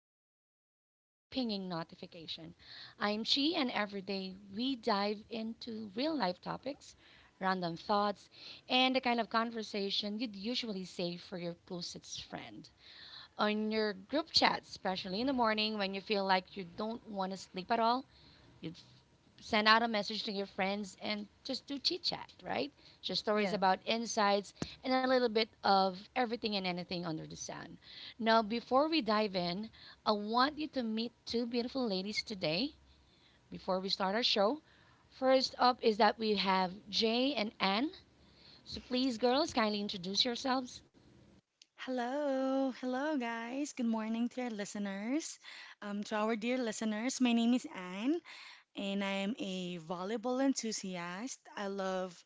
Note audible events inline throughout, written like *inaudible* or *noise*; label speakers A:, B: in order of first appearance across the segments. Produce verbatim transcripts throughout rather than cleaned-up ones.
A: that won't stop pinging notification. I'm Chi, and every day we dive into real life topics, random thoughts, and the kind of conversation you'd usually save for your closest friend. On your group chat, especially in the morning when you feel like you don't want to sleep at all, you'd send out a message to your friends and just do chit chat, right? Share stories
B: Yes.
A: about insights and a little bit of everything and anything under the sun. Now, before we dive in, I want you to meet two beautiful ladies today before we start our show. First up is that we have Jay and Anne. So please, girls, kindly introduce yourselves.
C: Hello, hello, guys. Good morning to our listeners. Um, to our dear listeners, my name is Anne, and I am a volleyball enthusiast. I love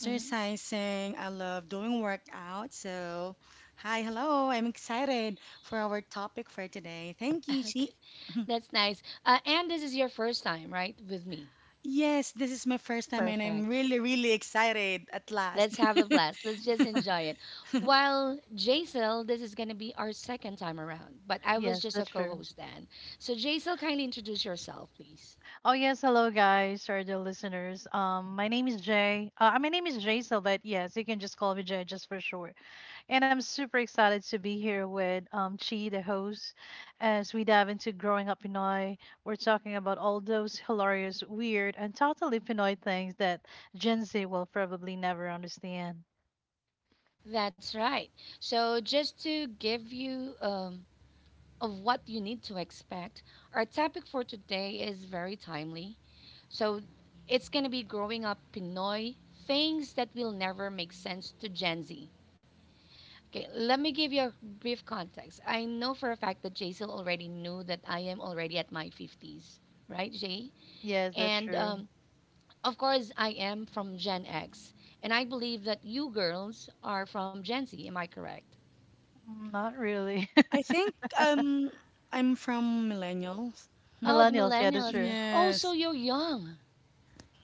A: Mhm.
C: I love doing workout. So, hi, hello. I'm excited for our topic for today. Thank
A: *laughs*
C: you, Chi.
A: Okay, that's nice. Uh, Anne, this is your first time, right, with me?
C: Yes, this is my first time, and I'm
A: Perfect.
C: really, really excited at
A: Let's
C: last.
A: have a blast. Let's just enjoy it. While Jaisal, this is going to be our second time around, but I was
B: Yes,
A: just a
B: that's
A: co
B: true.
A: host then. So, Jaisal, kindly introduce yourself, please.
B: Oh yes, hello guys or the listeners. Um my name is Jay. Uh my name is Jay so but yes, you can just call me Jay just for sure. And I'm super excited to be here with um Chi the host as we dive into growing up Pinoy. We're talking about all those hilarious, weird and totally Pinoy things that Gen Z will probably never understand.
A: That's right. So, just to give you um, of what you need to expect, our topic for today is very timely. So, it's going to be growing up Pinoy things that will never make sense to Gen Z. Okay, let me give you a brief context. I know for a fact that Jaisal already knew that I am already at my fifties, right, Jay?
B: Yes, that's
A: And
B: true.
A: um, Of course, I am from Gen X. And I believe that you girls are from Gen Z, am I correct?
B: Mm, not really.
C: *laughs*
B: *laughs*
C: I think um, I'm from millennials.
A: Oh, the
B: Millennials, yeah, that's
A: millennials.
B: true.
A: Oh, so
C: Yes,
A: you're young.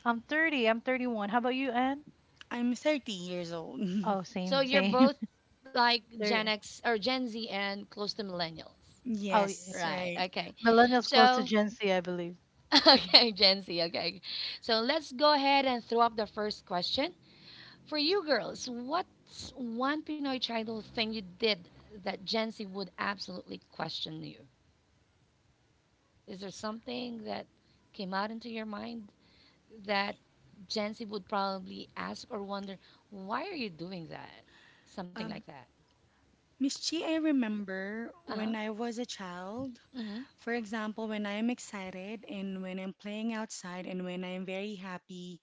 B: I'm thirty, I'm thirty-one. How about you, Anne?
C: I'm 30 years old. *laughs*
B: Oh,
A: So
B: same, *laughs*
A: you're
B: same.
A: both like Gen
B: They're
A: X or Gen Z and close to millennials.
B: Oh, yeah.
C: Yes,
A: Right,
C: right.
A: okay.
B: Millennials close to
A: So,
B: Gen Z, I believe.
A: *laughs* okay, Gen Z, okay. So let's go ahead and throw up the first question. For you girls, what's one Pinoy childhood thing you did that Gen Z would absolutely question you? Is there something that came out into your mind that Gen Z would probably ask or wonder, why are you doing that? Something like
C: Um,
A: that.
C: Miss Chi, I remember
A: Uh huh.
C: when I was a child,
A: Mm hmm.
C: for example, when I'm excited and when I'm playing outside and when I'm very happy,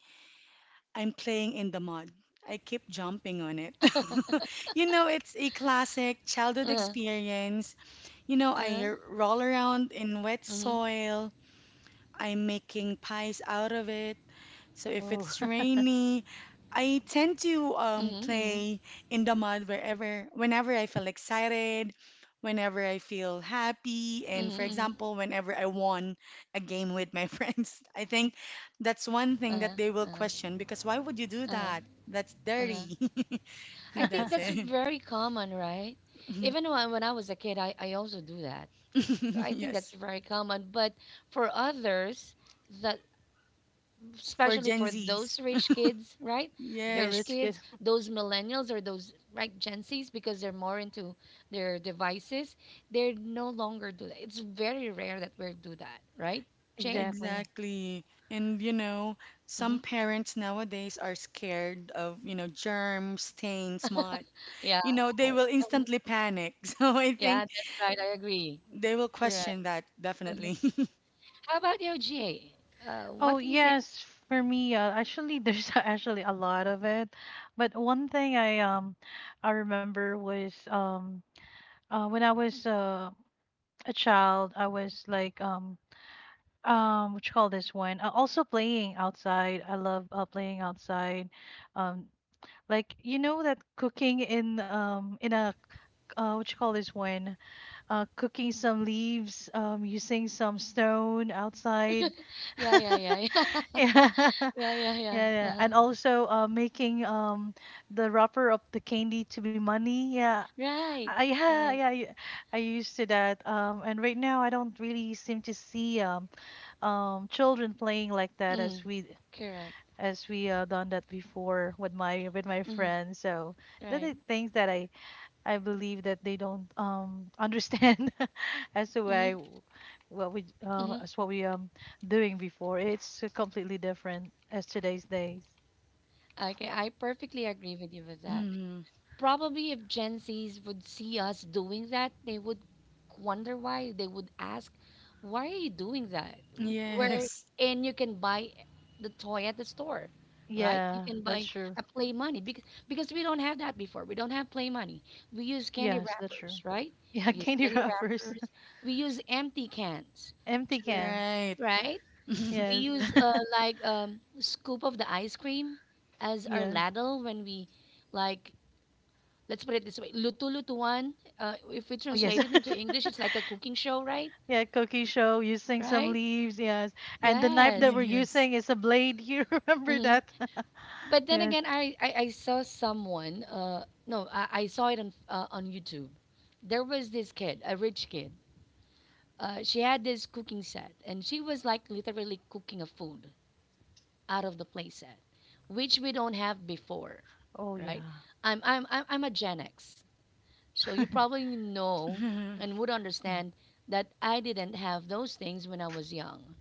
C: I'm playing in the mud. I keep jumping on it. *laughs* You know, it's a classic
A: Uh
C: childhood
A: huh.
C: experience. You know,
A: Uh
C: I
A: huh.
C: r- roll around in wet
A: Mm
C: soil. I'm making pies out of it. So if
B: Oh,
C: it's rainy, I tend to
A: hmm.
C: um,
A: Mm hmm.
C: play in the mud wherever, whenever I feel excited, whenever I feel happy,
A: Mm
C: and for
A: hmm.
C: example, whenever I won a game with my *laughs* friends. I think that's one thing
A: Uh
C: that
A: huh.
C: they will
A: Uh huh.
C: question because why would you do
A: Uh
C: that?
A: huh.
C: That's
A: Uh huh.
C: dirty. *laughs*
A: I
C: That's
A: think that's
B: *laughs*
C: it.
A: very common, right? Even
C: *laughs*
A: when when I was a kid, I, I also do that. So I think that's
C: Yes,
A: very common. But for others, that
C: for
A: especially
C: Gen
A: for
C: Zs.
A: those rich kids, right?
B: yeah,
A: Rich
C: Yes.
B: rich kid.
A: kids,
B: *laughs*
A: those millennials or those right Gen Zs, because they're more into their devices, they no longer do that. It's very rare that we do that, right, Jay?
B: Exactly.
C: Exactly. And you know, some
A: Hmm
C: parents nowadays are scared of, you know, germs, stains, mud.
A: Yeah,
C: You know, they will instantly panic. *laughs* So I
A: yeah,
C: think
A: that's right. I agree.
C: they will
A: Correct.
C: question that definitely. *laughs*
A: How about you, Jay? Uh, what
B: Oh
A: can you say?
B: yes, for me, uh, actually, there's *laughs* actually a lot of it, but one thing I um I remember was um uh, when I was uh, a child, I was like um um what you call this one? Uh, also playing outside. I love uh, playing outside. Um, like you know that cooking in um in a uh what you call this one? Uh, cooking some leaves, um, using some stone outside.
A: Yeah, yeah,
B: *laughs*
A: yeah, yeah,
B: Yeah,
A: *laughs*
B: *laughs* yeah,
A: yeah, yeah, yeah.
B: yeah.
A: Uh-huh.
B: And also uh, making um, the wrapper of the candy to be money. Yeah.
A: Right,
B: I, yeah,
A: right.
B: yeah, I, I used to that. Um, and right now, I don't really seem to see um, um, children playing like that
A: Mm,
B: as we
A: correct.
B: as we uh, done that before with my with my friends. So that
A: Right.
B: are things that I I believe that they don't um *laughs* understand *laughs* as to
A: Mm-hmm.
B: why what we uh,
A: Mm-hmm.
B: as what we um doing before. It's uh, completely different as today's days.
A: Okay, I perfectly agree with you with that.
C: Mhm.
A: Probably if Gen Zs would see us doing that, they would wonder why. They would ask, why are you doing that? W- Where
C: Yes.
A: and you can buy the toy at the store, right? You
B: Yeah,
A: can
B: that's
A: buy
B: true.
A: a play money because because we don't have that before. We don't have play money. We use candy
B: Yes, that's true.
A: wrappers, right?
B: Yeah, *laughs*
A: We use
B: candy
A: candy
B: wrappers, *laughs*
A: wrappers. We use empty cans
B: empty
A: to,
B: can.
C: Right.
A: right.
C: *laughs*
A: We
B: Yes,
A: use uh,
B: *laughs*
A: like um, scoop of the ice cream as our
B: yes.
A: ladle when we like. Let's put it this way: lutu-lutuan. Uh, if we
B: Oh yes. *laughs*
A: translate it into English, it's like a cooking show, right?
B: Yeah, cookie show using some
A: Right?
B: leaves, yes. And the knife
A: Yes.
B: that we're
C: Yes.
B: using is a blade. *laughs* You remember
A: hmm
B: that? *laughs*
A: But then
B: Yes.
A: again, I, I, I saw someone. Uh, no, I, I saw it on uh, on YouTube. There was this kid, a rich kid. Uh, she had this cooking set, and she was like literally cooking a food out of the play set, which we don't have before,
B: Oh,
A: right?
B: yeah.
A: I'm I'm I'm I'm a Gen X, so you
B: *laughs*
A: probably know and
C: *laughs*
A: would
B: Yeah.
A: understand that I didn't have those things when I was young.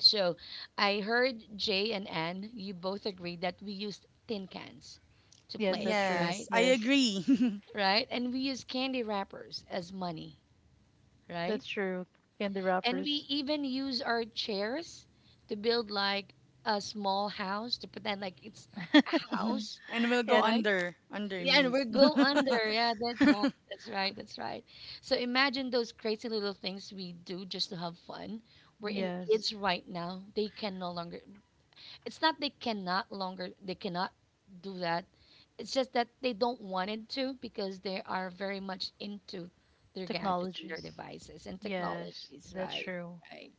A: So I heard Jay and Ann, you both agreed that we used tin cans to
B: Yes,
A: play,
B: that's true.
C: Yes,
A: right?
C: I
B: Yes,
C: agree. *laughs*
A: Right? And we use candy wrappers as money, right?
B: that's true. Candy
A: And
B: wrappers.
A: we even use our chairs to build like a small house to pretend like it's a
B: *laughs*
C: Mhm.
A: house,
C: And will go
B: Yeah,
A: right?
C: under,
A: Yeah, and
C: underneath.
A: we
C: *laughs*
A: go
C: Mhm.
A: under. Yeah, that's right. That's right. That's right. So imagine those crazy little things we do just to have fun. We're in
B: yes.
A: kids right now. They can no longer. It's not they cannot longer. They cannot do that. It's just that they don't want it to because they are very much into their gadgets and their
B: Technologies.
A: devices and
B: Yes,
A: technologies.
B: that's
A: Right.
B: true.
A: Right.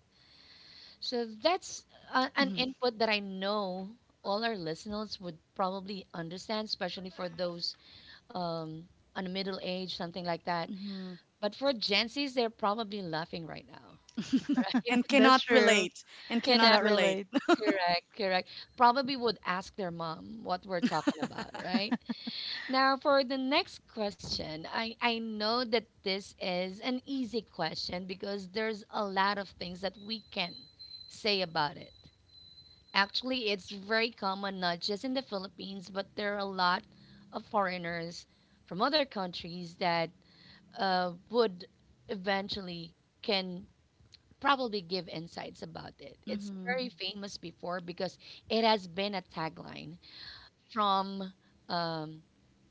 A: So that's uh, an input that I know all our listeners would probably understand, especially for those um, on the middle age, something like that.
C: Mhm.
A: But for Gen Zs, they're probably laughing right now, *laughs* right?
C: And
B: *laughs* That's
C: cannot
B: true.
C: relate. And
A: Cannot
C: cannot
B: Cannot
A: really,
C: relate.
B: relate.
A: correct, correct. Probably would ask their mom what we're talking about, right? Now, for the next question, I, I know that this is an easy question because there's a lot of things that we can say about it. Actually, it's very common, not just in the Philippines, but there are a lot of foreigners from other countries that uh, would eventually can probably give insights about it. It's very
B: Hmm.
C: *laughs*
A: famous before because it has been a tagline from um,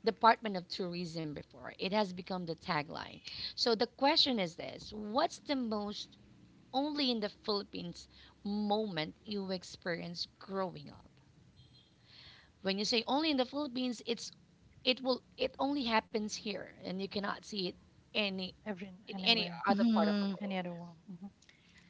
A: Department of Tourism before. It has become the tagline. So the question is this: What's the most only in the Philippines moment you experienced growing up? When you say only in the Philippines, it's it will it only happens here, and you cannot see it any
B: Every
A: in any
B: anywhere,
A: other part of the
C: Mm-hmm.
B: any
A: world.
B: other one. Hmm.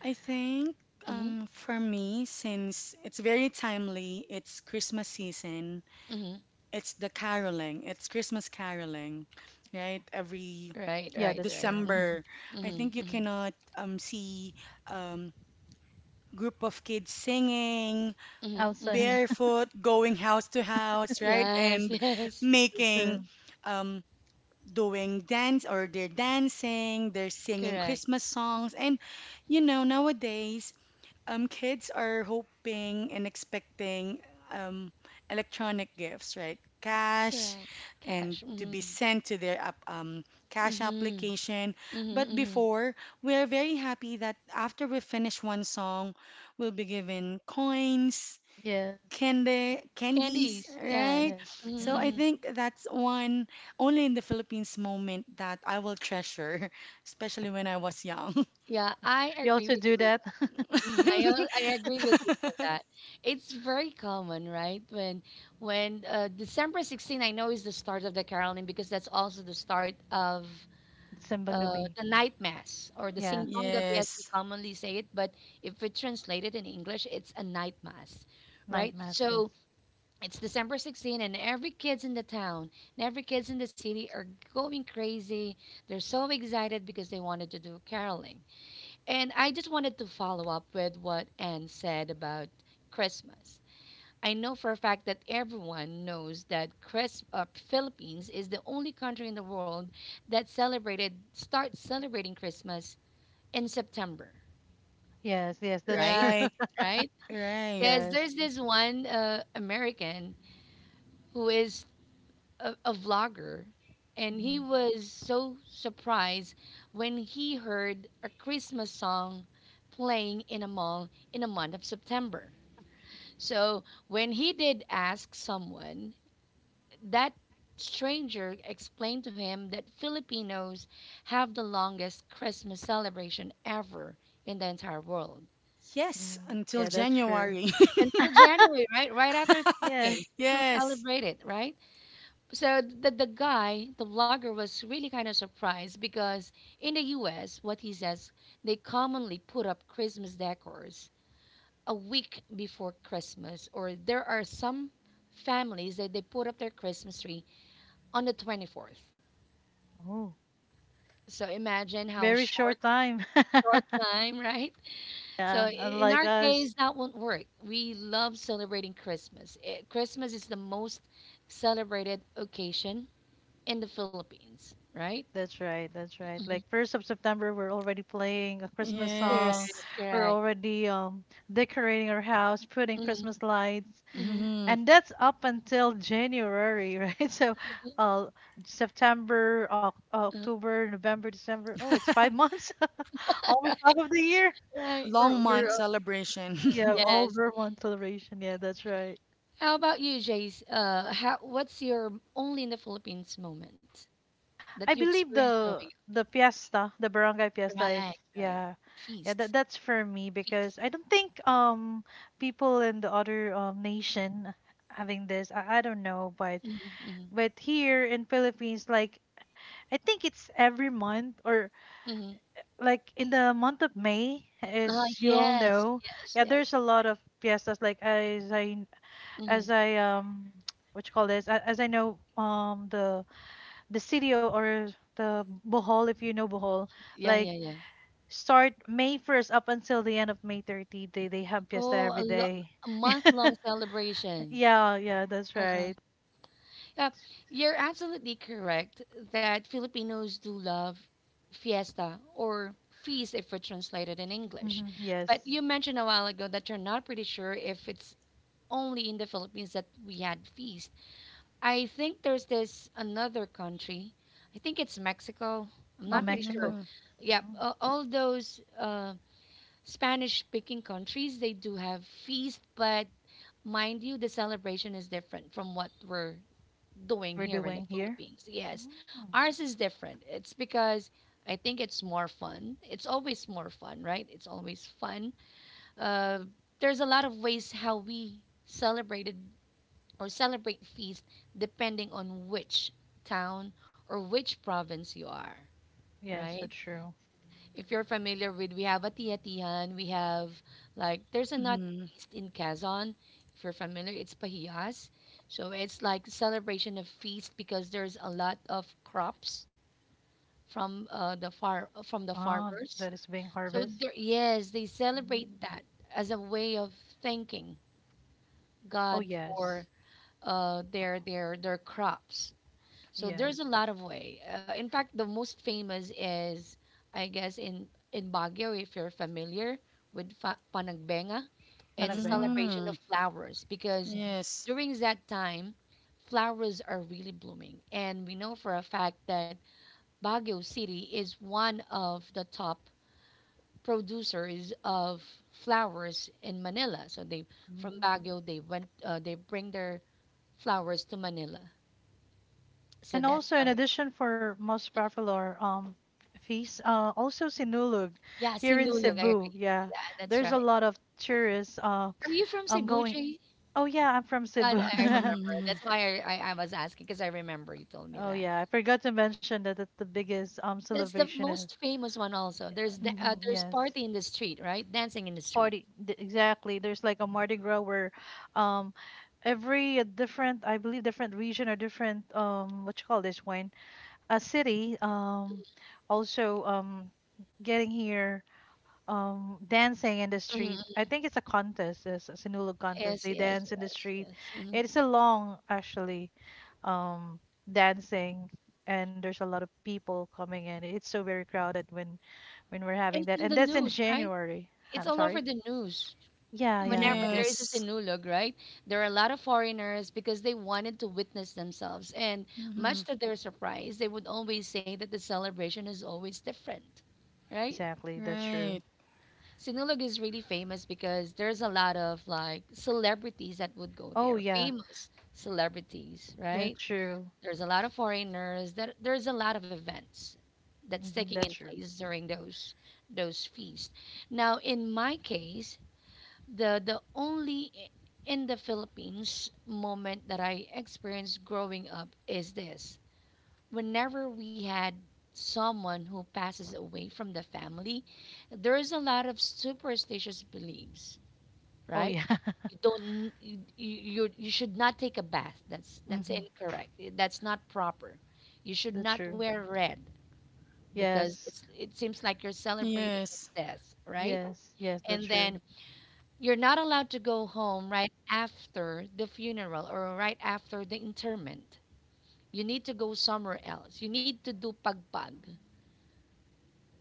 C: I think
A: Mm-hmm,
C: um, for me, since it's very timely, it's Christmas season,
A: mm-hmm.
C: it's the caroling, it's Christmas caroling, right? Every
A: Right,
B: Yeah,
A: right,
B: that's
A: right.
B: true. Hmm.
C: December,
A: Mm-hmm,
C: I think
A: mm-hmm,
C: you
A: mm-hmm,
C: cannot um, see um, group of kids singing,
A: mm-hmm. hmm
B: Outside.
C: barefoot, going house to house, right?
A: Yes,
C: And
A: *laughs*
B: *laughs* Yeah,
A: yes.
B: that's true.
C: making, um, doing dance or they're dancing, they're singing
A: Correct,
C: Christmas songs. And you know, nowadays, um, kids are hoping and expecting um, electronic gifts, right? Cash
A: correct. Cash.
C: and to
A: Mm-hmm,
C: be sent to their app- um, cash
A: mm-hmm,
C: application.
A: mm-hmm,
C: But
A: mm-hmm.
C: before, we are very happy that after we finish one song, we'll be given coins,
B: Yes, that's true.
C: candy, candies,
A: Candies. Yes.
C: right?
A: Mm-hmm,
B: Yes.
C: So
A: mm-hmm.
C: I think that's one only in the Philippines moment that I will treasure, *laughs* especially when I was young.
A: Yeah, I
B: You
A: agree
B: also
A: with you
B: do
A: with
B: that?
A: that. Mhm, I al- I agree with you with
C: *laughs*
A: that. It's very common, right? When when uh, December sixteenth, I know is the start of the caroling because that's also the start of
B: *laughs* Simbang
A: uh,
B: gabi.
A: the night mass or the
B: Yeah,
A: Simbang Gabi as we
C: Yes.
A: commonly say it, but if we translate it in English, it's a night mass,
B: night
A: right?
B: mass, yes.
A: So it's December sixteenth and every kids in the town and every kids in the city are going crazy. They're so excited because they wanted to do caroling. And I just wanted to follow up with what Anne said about Christmas. I know for a fact that everyone knows that Chris, uh, Philippines is the only country in the world that celebrated starts celebrating Christmas in September,
B: Yes, yes, that's
A: right?
B: true.
C: Right.
B: *laughs*
A: Right?
C: Right.
A: Because
B: Yes.
A: there's this one uh, American who is a, a vlogger, and he
B: Mhm.
A: was so surprised when he heard a Christmas song playing in a mall in the month of September. So when he did ask someone, that stranger explained to him that Filipinos have the longest Christmas celebration ever in the entire world.
C: Yes.
B: Mm.
C: Until
B: Yeah, that's true.
C: January. *laughs*
A: Until January, right? Right after Three
B: Yes.
A: Kings, we still
C: Yes.
A: celebrate it, right? So the, the guy, the vlogger, was really kind of surprised because in the U S, what he says, they commonly put up Christmas decors a week before Christmas, or there are some families that they put up their Christmas tree on the twenty-fourth.
B: Oh,
A: So imagine how
B: very
A: short,
B: short time.
A: short
B: *laughs*
A: time, right? So
B: Yeah,
A: i- in
B: unlike
A: our
B: us.
A: case, that won't work. We love celebrating Christmas. Eh, Christmas is the most celebrated occasion in the Philippines, right?
B: That's right, that's right.
A: Mhm.
B: Like first of September, we're already playing a Christmas
A: Correct,
B: song.
C: Yes.
B: We're
A: correct.
B: already um decorating our house, putting
A: Mhm,
B: Christmas lights.
A: mhm,
C: Hmm.
B: And that's up until January, *laughs* right? So, uh, September, Oc
A: uh,
B: October, November, December. Oh, it's five months, *laughs* almost half of the year.
A: right.
B: We're,
C: Long
B: we're
C: month
B: uh,
C: celebration.
B: Yeah,
C: *laughs*
B: all
A: Yes.
B: Vermont celebration. Yeah, that's right.
A: How about you, Jace? Uh, how, what's your only in the Philippines moment that
B: I
A: you
B: believe
A: experienced growing
B: the the fiesta, the barangay
A: up?
B: fiesta. If,
A: Right, right.
B: yeah, yeah,
A: Feast,
B: that that's for me
A: feast.
B: because I don't think um people in the other um nation having this. I, I don't know, but
A: Mm-hmm, mm-hmm,
B: but here in Philippines, like I think it's every month or
A: mm-hmm.
B: like in the month of May,
A: Ah,
B: as you all
A: yes,
B: know.
A: yes,
B: Yeah,
A: yes.
B: there's a lot of fiestas. Like as I
A: hmm
B: as I um *tsk* what you call this? a- As I know um the the city or the Bohol, if you know Bohol,
A: Yeah,
B: like
A: yeah, yeah.
B: start May first up until the end of May thirtieth. They they have fiesta
A: Oh, a
B: every
A: lo
B: day.
A: a
B: *laughs*
A: month-long celebration.
B: Yeah, yeah, that's
A: Uh-huh.
B: right.
A: Yeah, you're absolutely correct that Filipinos do love fiesta or feast if we translate it in English.
B: Hmm.
A: But
B: Yes.
A: you mentioned a while ago that you're not pretty sure if it's only in the Philippines that we had feast. I think there's this another country. I think it's Mexico. I'm
B: Oh,
A: not pretty
B: Mexico.
A: sure.
C: Mm-hmm.
A: Yeah,
B: Mhm.
A: uh, all those uh, Spanish speaking countries, they do have feast, but mind you, the celebration is different from what we're doing
B: We're
A: here in
B: doing
A: the
B: here.
A: Philippines. Yes,
B: Mm.
A: ours is different. It's because I think it's more fun. It's always more fun, right? It's always fun. Uh, there's a lot of ways how we celebrated or celebrate feast depending on which town or which province you are,
B: Yes,
A: right?
B: that's true.
A: If you're familiar with, we have a tiyan, we have like there's another
C: Mm.
A: feast in Quezon. If you're familiar, it's Pahiyas. So it's like celebration of feast because there's a lot of crops from uh, the far from the
B: Ah,
A: farmers.
B: that is being
A: So
B: harvest.
A: there, yes, they celebrate
B: Mm.
A: that as a way of thanking
B: Oh,
A: God
B: yes.
A: for uh,
B: Oh,
A: their their their crops. So
B: yes.
A: there's a lot of way. Uh, in fact, the most famous is, I guess, in in Baguio, if you're familiar with fa- Panagbenga. It's a
B: Panagbenga.
A: celebration
C: Mm.
A: of flowers because
B: Mhm.
C: Yes.
A: during that time, flowers are really blooming, and we know for a fact that Baguio City is one of the top producers of flowers in Manila. So they from
B: Mm.
A: Baguio they went uh, they bring their flowers to Manila. So
B: And
A: that's
B: also, in
A: how.
B: addition for most popular um feast, uh, also Sinulog
A: Yeah,
B: here in
A: Sinulog. I
B: Cebu.
A: agree.
B: Yeah,
A: That, that's
B: there's a
A: right.
B: lot of tourists. Uh,
A: Are you from
B: I'm
A: Cebu,
B: going.
A: Jay?
B: Oh yeah, I'm from
A: Uh,
B: Cebu.
A: th- I
B: *laughs*
A: remember.
C: Mm.
A: That's why I, I, I was asking because I remember you told me
B: Oh
A: that.
B: yeah, I forgot to mention that that's the biggest um
A: That's the
B: celebration is.
A: most famous one. Also, there's da- uh,
B: Mhm,
A: there's
B: yes.
A: party in the street, right? Dancing in the street.
B: Party th- exactly, there's like a mardi gras where um every uh, different, I believe different region or different um what you call this one, a city um also um getting here um dancing in the street.
A: Hmm.
B: I think it's a contest, it's a Sinulog contest.
A: Yes,
B: They
A: yes,
B: dance in the
A: yes,
B: street.
A: yes. Hmm.
B: It's a long actually um dancing, and there's a lot of people coming in. It's so very crowded when when we're
A: And
B: having
A: it's
B: that,
A: in
B: and
A: the
B: that's in
A: news, right?
B: January.
A: It's
B: I'm
A: all
B: sorry.
A: over the news.
B: Yeah, yeah,
A: Whenever
B: no,
A: there
B: that's
A: is a
C: Yes.
A: sinulog, right? There are a lot of foreigners because they wanted to witness themselves. And
C: Mm.
A: much to their surprise, they would always say that the celebration is always different, right?
B: exactly, that's true.
C: Right.
A: Sinulog is really famous because there's a lot of like celebrities that would go
B: Oh
A: there,
B: yeah,
A: famous celebrities, right?
B: that's true.
A: There's a lot of foreigners. That there's a lot of events that's
B: Hmm,
A: taking
B: that's
A: in
B: true.
A: place during those those feasts. Now, in my case, the the only i- in the Philippines moment that I experienced growing up is this. Whenever we had someone who passes away from the family, there is a lot of superstitious beliefs,
B: Oh
A: right?
B: yeah,
A: You don't you, you you should not take a bath. That's
B: *laughs*
A: that's
B: hmm,
A: incorrect. That's not proper. You should
B: that's
A: not
B: true.
A: wear red because
B: Yes,
A: it's it seems like you're celebrating his
C: Yes.
A: death, right?
B: yes, yes, that's
A: And
B: true.
A: then you're not allowed to go home right after the funeral or right after the interment. You need to go somewhere else. You need to do pagpag,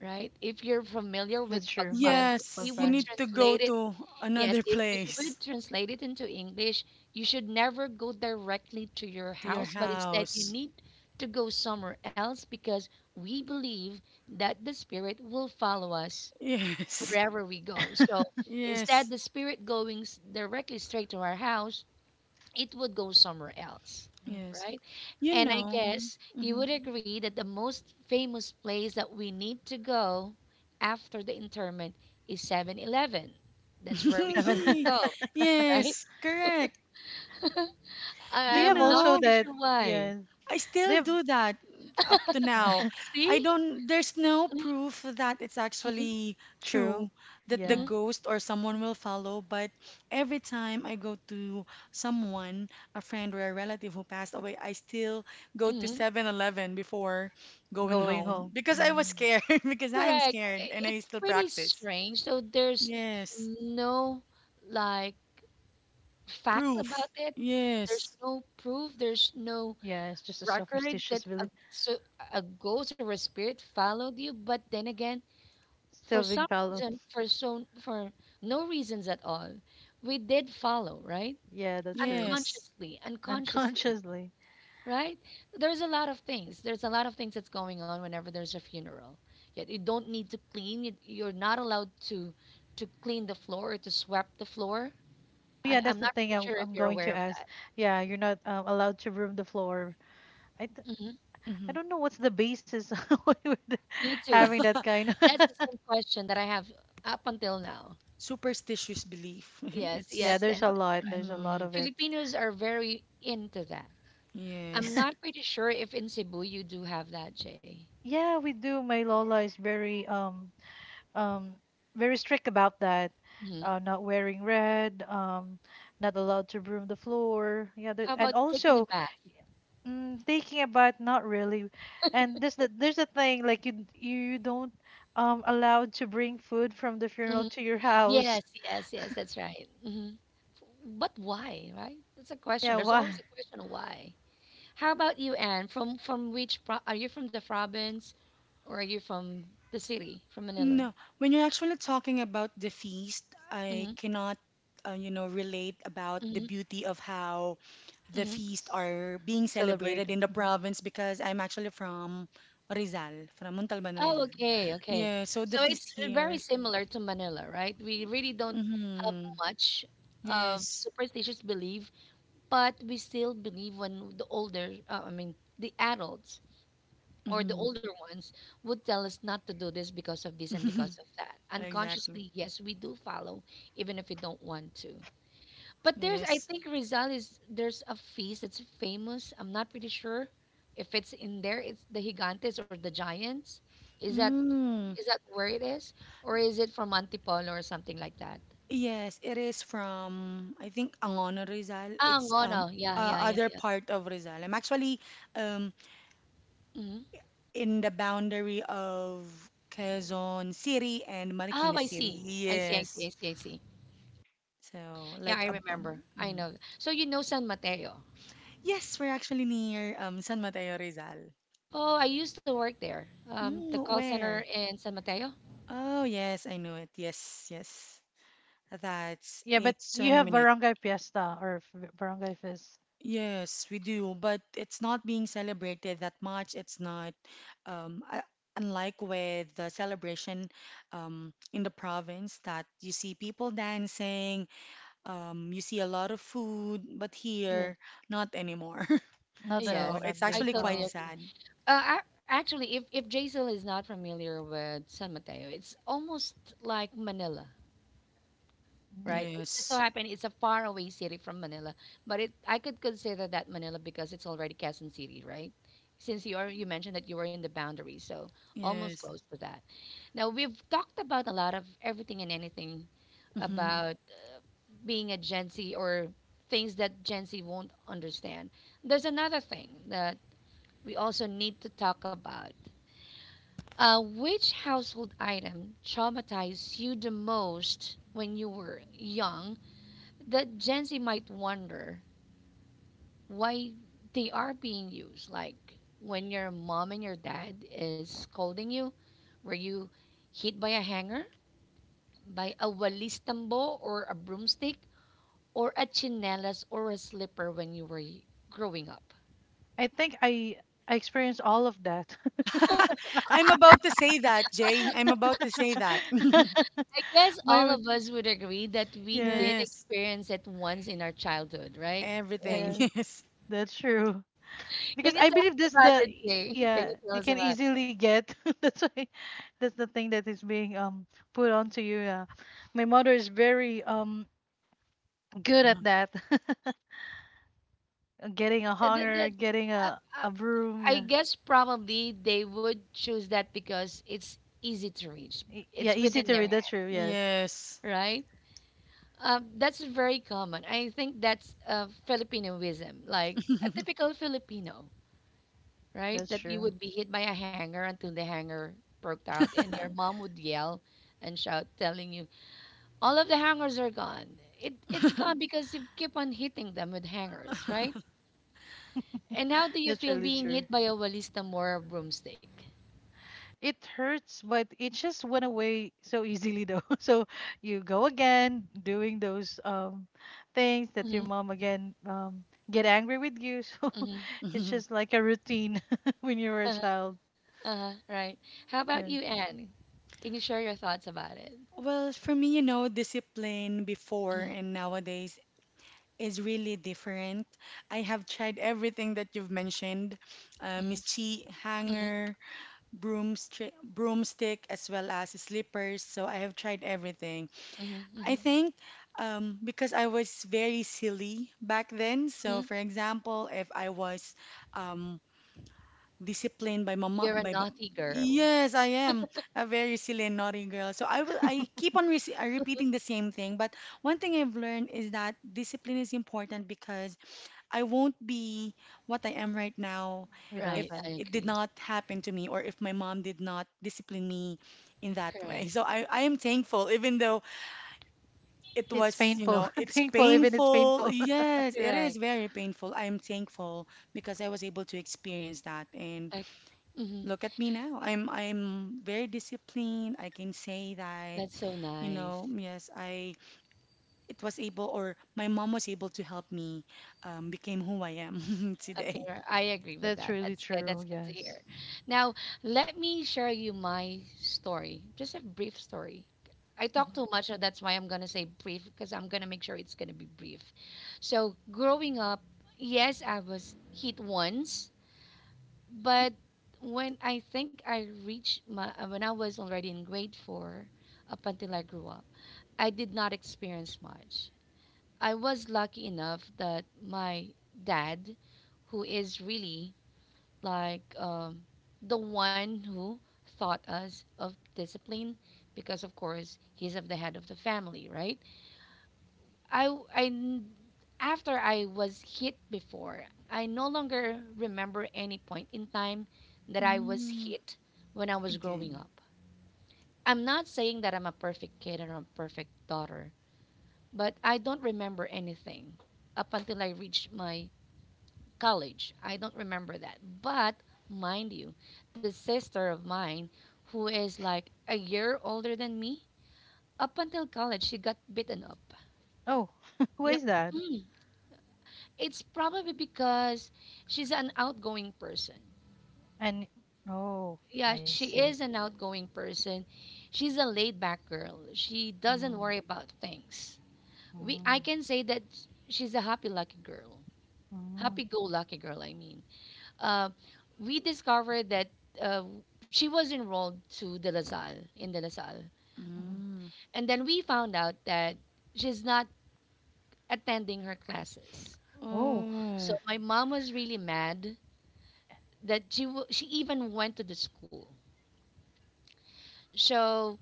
A: right? If you're familiar with
B: That's true.
A: pagpag,
B: Yes,
A: if we
C: Yes.
B: pork
C: You
A: would
B: pie.
C: need to go
A: translate it,
C: to
A: yes,
C: another
A: if we
C: place,
A: would translate it into English, you should never go directly to your
C: to your
A: house, but instead you
C: house.
A: need to go somewhere else because we believe that the spirit will follow us
C: Yes. *laughs*
A: wherever we go. So instead,
C: Yes.
A: the spirit going s- directly straight to our house, it would go somewhere else,
B: Mhm.
C: Yes.
A: right?
C: You
A: And I
C: know.
A: guess you
C: Mm-hmm.
A: would agree that the most famous place that we need to go after the interment is Seven Eleven. That's where we
B: Seven.
A: normally
C: *laughs*
A: go,
B: *laughs*
A: right?
C: Yes, correct.
B: Do
A: I-
B: you
C: You
B: have
A: I'm not
B: also
C: know,
A: pretty
B: that?
A: sure why.
B: Yes,
C: I
B: they
C: still
B: have.
C: do that up to now.
B: *laughs*
C: I
A: See?
C: don't, there's no proof that it's
A: Mm-mm,
C: actually
B: True.
C: true that the
A: mm
B: Yeah,
C: ghost or someone will follow, but every time I go to someone, a friend or a relative who passed away, I still go to
A: mm.
C: Seven Eleven before going
B: going
C: home
B: home.
C: because I was
B: Mm.
C: scared, *laughs* because I am
A: Correct.
C: scared
A: I-
C: and I
A: It's
C: still
A: pretty
C: practice.
A: strange. So there's
C: Yes,
A: no like fact
C: proof.
A: about it. There's
C: Yes,
A: no proof. There's no
B: Yeah, it's just a
A: record
B: superstitious
A: that
B: belief
A: a, so a ghost or a spirit followed you. But then again, for
B: still being
A: some
B: followed.
A: reason,
B: *laughs*
A: for so for no reasons at all, we did follow, right?
B: Yeah, that's true.
C: yes.
A: Unconsciously, unconsciously,
B: Unconsciously.
A: right? There's a lot of things. There's a lot of things that's going on whenever there's a funeral. Yet you don't need to clean. You, you're not allowed to to clean the floor or to sweep the floor.
B: Yeah,
A: I, I'm
B: that's the
A: not
B: thing
A: really
B: I'm,
A: sure if
B: I'm
A: you're
B: going
A: aware
B: to
A: of
B: ask.
A: that.
B: Yeah, you're not um, allowed to broom the floor. I, d-
A: Mm-hmm.
B: I
C: Hmm.
B: don't know what's the basis *laughs* with
A: Me too.
B: having that kind. *laughs*
A: That's the same question that I have up until now.
C: Superstitious belief. *laughs*
A: Yes,
B: Yeah,
C: It's
A: yes,
B: there's
A: that's,
B: a
A: that's
B: lot.
A: right.
B: There's a lot
C: mhm,
B: of it.
A: Filipinos are very into that. I'm
C: yes.
B: *laughs*
A: not pretty sure if in Cebu you do have that, Jay.
B: Yeah, we do. My Lola is very um um very strict about that,
A: Hmm.
B: uh not wearing red, um not allowed to broom the floor yeah there,
A: How
B: and
A: about taking a
B: also
A: bath?
B: mm, thinking about not really. And there's the there's a thing like you you don't um allowed to bring food from the
A: Hmm.
B: funeral to your house.
A: Yes, yes, yes, that's right. Hmm. But why, right? That's a question.
B: Yeah,
A: There's always
B: why
A: a question of why. How about you, Anne? From from which pro- are you from the province or are you from the city, from Manila?
C: No, when you're actually talking about the feast, I
A: Mm-hmm,
C: cannot, uh, you know, relate about the
A: mm-hmm,
C: beauty of how the
A: mm-hmm.
C: feast are being
B: celebrate.
C: celebrated in the
B: Mhm.
C: province because I'm actually from Rizal, from Montalban,
A: Oh,
C: Rizal.
A: okay, okay.
C: Yeah, so
A: So
C: the feast
A: it's uh, very
C: here.
A: similar to Manila, right? We really don't have
C: Mm-hmm.
A: much of
C: Yes.
A: superstitious belief, but we still believe when the older, uh, I mean, the adults or the
C: Mm-hmm.
A: older ones would tell us not to do this because of this and because
C: *laughs*
A: of that.
C: Exactly.
A: Unconsciously, yes, we do follow, even if we don't want to. But there's, I
C: Yes.
A: think Rizal is there's a feast that's famous. I'm not pretty sure if it's in there. It's the Gigantes or the Giants. Is that
C: Mm.
A: is that where it is, or is it from Antipolo or something like that?
C: Yes, it is from, I think, Angono, Rizal.
A: Ah,
C: It's um
A: Ngono. Yeah,
C: uh,
A: yeah, yeah,
C: other
A: yeah.
C: part of Rizal. I'm actually um
A: Hmm.
C: in the boundary of Quezon City and
A: Oh,
C: Marikina
A: I
C: City.
A: see. I see. I see. I
C: Yes.
A: see. I see.
C: So,
A: Yeah,
C: like
A: I
C: a
A: remember.
C: bubble.
A: I
C: Mhm.
A: know. So you know San Mateo.
C: Yes, we're actually near um San Mateo, Rizal.
A: Oh, I used to work there. Um, the
C: Mm,
A: call center
C: where?
A: in San Mateo.
C: Oh, yes, I know it. Yes, yes. That's
B: Yeah, but
C: it's
B: you
C: twenty
B: have
C: minutes.
B: barangay fiesta or f- barangay fest.
C: Yes, we do, but it's not being celebrated that much. It's not, um, uh, unlike with the celebration um, in the province that you see people dancing, um, you see a lot of food, but
B: Yeah,
C: here, not anymore. *laughs*
B: not
C: So
B: anymore,
A: Yes,
B: not
C: it's
A: I
B: being,
C: actually
A: totally
C: quite
B: oh
A: agree.
B: okay.
C: sad.
A: Uh, ac- actually, if if Jaisal is not familiar with San Mateo, it's almost like Manila,
B: Mm.
A: right? It just so
C: Yes,
A: happened it's a faraway city from Manila, but it I could consider that Manila because it's already Quezon City, right? Since you are you mentioned that you were in the boundary, so almost
C: yes.
A: close to that. Now we've talked about a lot of everything and anything
C: Hmm.
A: about uh, being a Gen Z or things that Gen Z won't understand. There's another thing that we also need to talk about uh, which household item traumatized you the most when you were young that Gen Z might wonder why they are being used? Like when your mom and your dad is scolding you, were you hit by a hanger, by a walis tambo or a broomstick, or a chinelas or a slipper when you were y- growing up?
B: i think i I experienced all of that.
C: *laughs* I'm about to say that, Jay. I'm about to say that. *laughs*
A: I guess
B: *laughs*
A: all
B: My
A: of us would agree that we
B: Yes,
A: did
C: Yes,
A: experience it once in our childhood, right?
C: everything.
B: yes,
C: *laughs* Yes,
B: that's true.
A: Can
B: Because
A: you
B: I
A: tell
B: believe
A: us
B: that's
A: about
B: the
A: it, Jay? Can you
B: yeah,
A: tell
B: you
A: us
B: can
A: about it?
B: easily get. *laughs* That's why that's the thing that is being um put onto you. Yeah. My mother is very um good
C: Mhm.
B: at that. *laughs* Getting
A: Uh,
B: a
A: that- that-
B: hanger,
A: that-
B: getting
A: uh,
B: a
A: uh,
B: a broom,
A: I
B: yeah.
A: guess probably they would choose that because it's easy to reach.
B: E- Yeah,
A: It's
B: easy
A: within
B: to
A: their
B: read. That's
A: hand,
B: true. Yes.
C: Yes.
A: right? Um, that's very common. I think that's uh, Filipinoism, like a typical Filipino, right?
B: That's
A: That you
B: true.
A: would be hit by a hanger until the hanger broke out, and your
C: *laughs*
A: mom would yell and shout, telling you, "All of the hangers are gone." It, it's gone
C: *laughs*
A: because you keep on hitting them with hangers, right? And how do you
B: That's
A: feel
B: really
A: being
B: true.
A: hit by a Walista Mora broomstick?
B: It hurts, but it just went away so easily though. *laughs* So you go again doing those um things that your
A: Mm-hmm,
B: mom again um get angry with you. *laughs* So
A: mm-hmm,
B: it's
C: Mhm.
B: just like a routine *laughs* when you were a
A: uh-huh,
B: child.
A: uh-huh, right. How about
B: Yeah,
A: you, Anne? Can you share your thoughts about it?
C: Well, for me, you know, discipline before
A: Mm-hmm,
C: and nowadays is really different. I have tried everything that you've mentioned, uh,
A: mm-hmm,
C: mischi,
A: mm-hmm,
C: hanger, broomstick, broomstick, as well as slippers. So I have tried everything.
A: mm-hmm,
C: I
A: mm-hmm,
C: think um, because I was very silly back then. So,
A: mm-hmm.
C: for example, if I was um, disciplined by mama
A: You're a
C: by ba-
A: naughty girl.
C: yes, I am a very silly and naughty girl, so I will I keep on re- repeating the same thing, but one thing I've learned is that discipline is important because I won't be what I am right now
B: without
C: if
A: Right,
B: that.
A: I
C: it did
A: agree.
C: not happen to me, or if my mom did not discipline me in that way.
A: Correct,
C: So i i am thankful, even though it
B: It's
C: was, you
B: painful.
C: know,
B: *laughs*
C: it's
B: Thankful even it's
C: painful.
B: painful.
C: Yes, it is
A: correct.
C: very painful. I am thankful because I was able to experience that. And
A: Okay. Mm-hmm.
C: look at me now. I'm I'm very disciplined. I can say that,
A: That's so
C: you
A: nice.
C: know, yes, I it was able, or my mom was able to help me um, became who I am *laughs*
A: Okay,
C: today.
A: r- I agree
B: *laughs*
A: with
B: That's
A: that.
B: really
A: That's good.
B: true,
A: That's good to
B: yes.
A: hear. Now, let me share you my story. Just a brief story. I talk
B: Mhm.
A: too much, so that's why I'm gonna say brief because I'm gonna make sure it's gonna be brief. So, growing up, yes, I was hit once, but when I think I reached my uh, when I was already in grade four, up until I grew up, I did not experience much. I was lucky enough that my dad, who is really like um, the one who thought us of discipline because of course he's of the head of the family, right. I w- I n- After I was hit before, I no longer remember any point in time that I was
C: Mm,
A: hit when I was growing
C: again.
A: up. I'm not saying that I'm a perfect kid or a perfect daughter, but I don't remember anything up until I reached my college. I don't remember that. But mind you, the sister of mine, who is like a year older than me, up until college, she got beaten up.
B: Oh, *laughs* who
A: Yep.
B: is that?
A: Mm. It's probably because she's an outgoing person.
B: And oh,
A: Yeah,
B: I
A: she
B: see.
A: is an outgoing person. She's a laid back girl. She doesn't
B: Mm,
A: worry about things. We I
B: mm,
A: can say that she's a happy lucky girl.
B: mm,
A: Happy go lucky girl, I mean. uh, we discovered that uh, she was enrolled to the LaSalle in the LaSalle,
B: mhm.
C: Mm.
A: and then we found out that she's not attending her classes.
B: Oh,
A: So
C: Oh.
A: my mom was really mad that she w- she even went to the school. So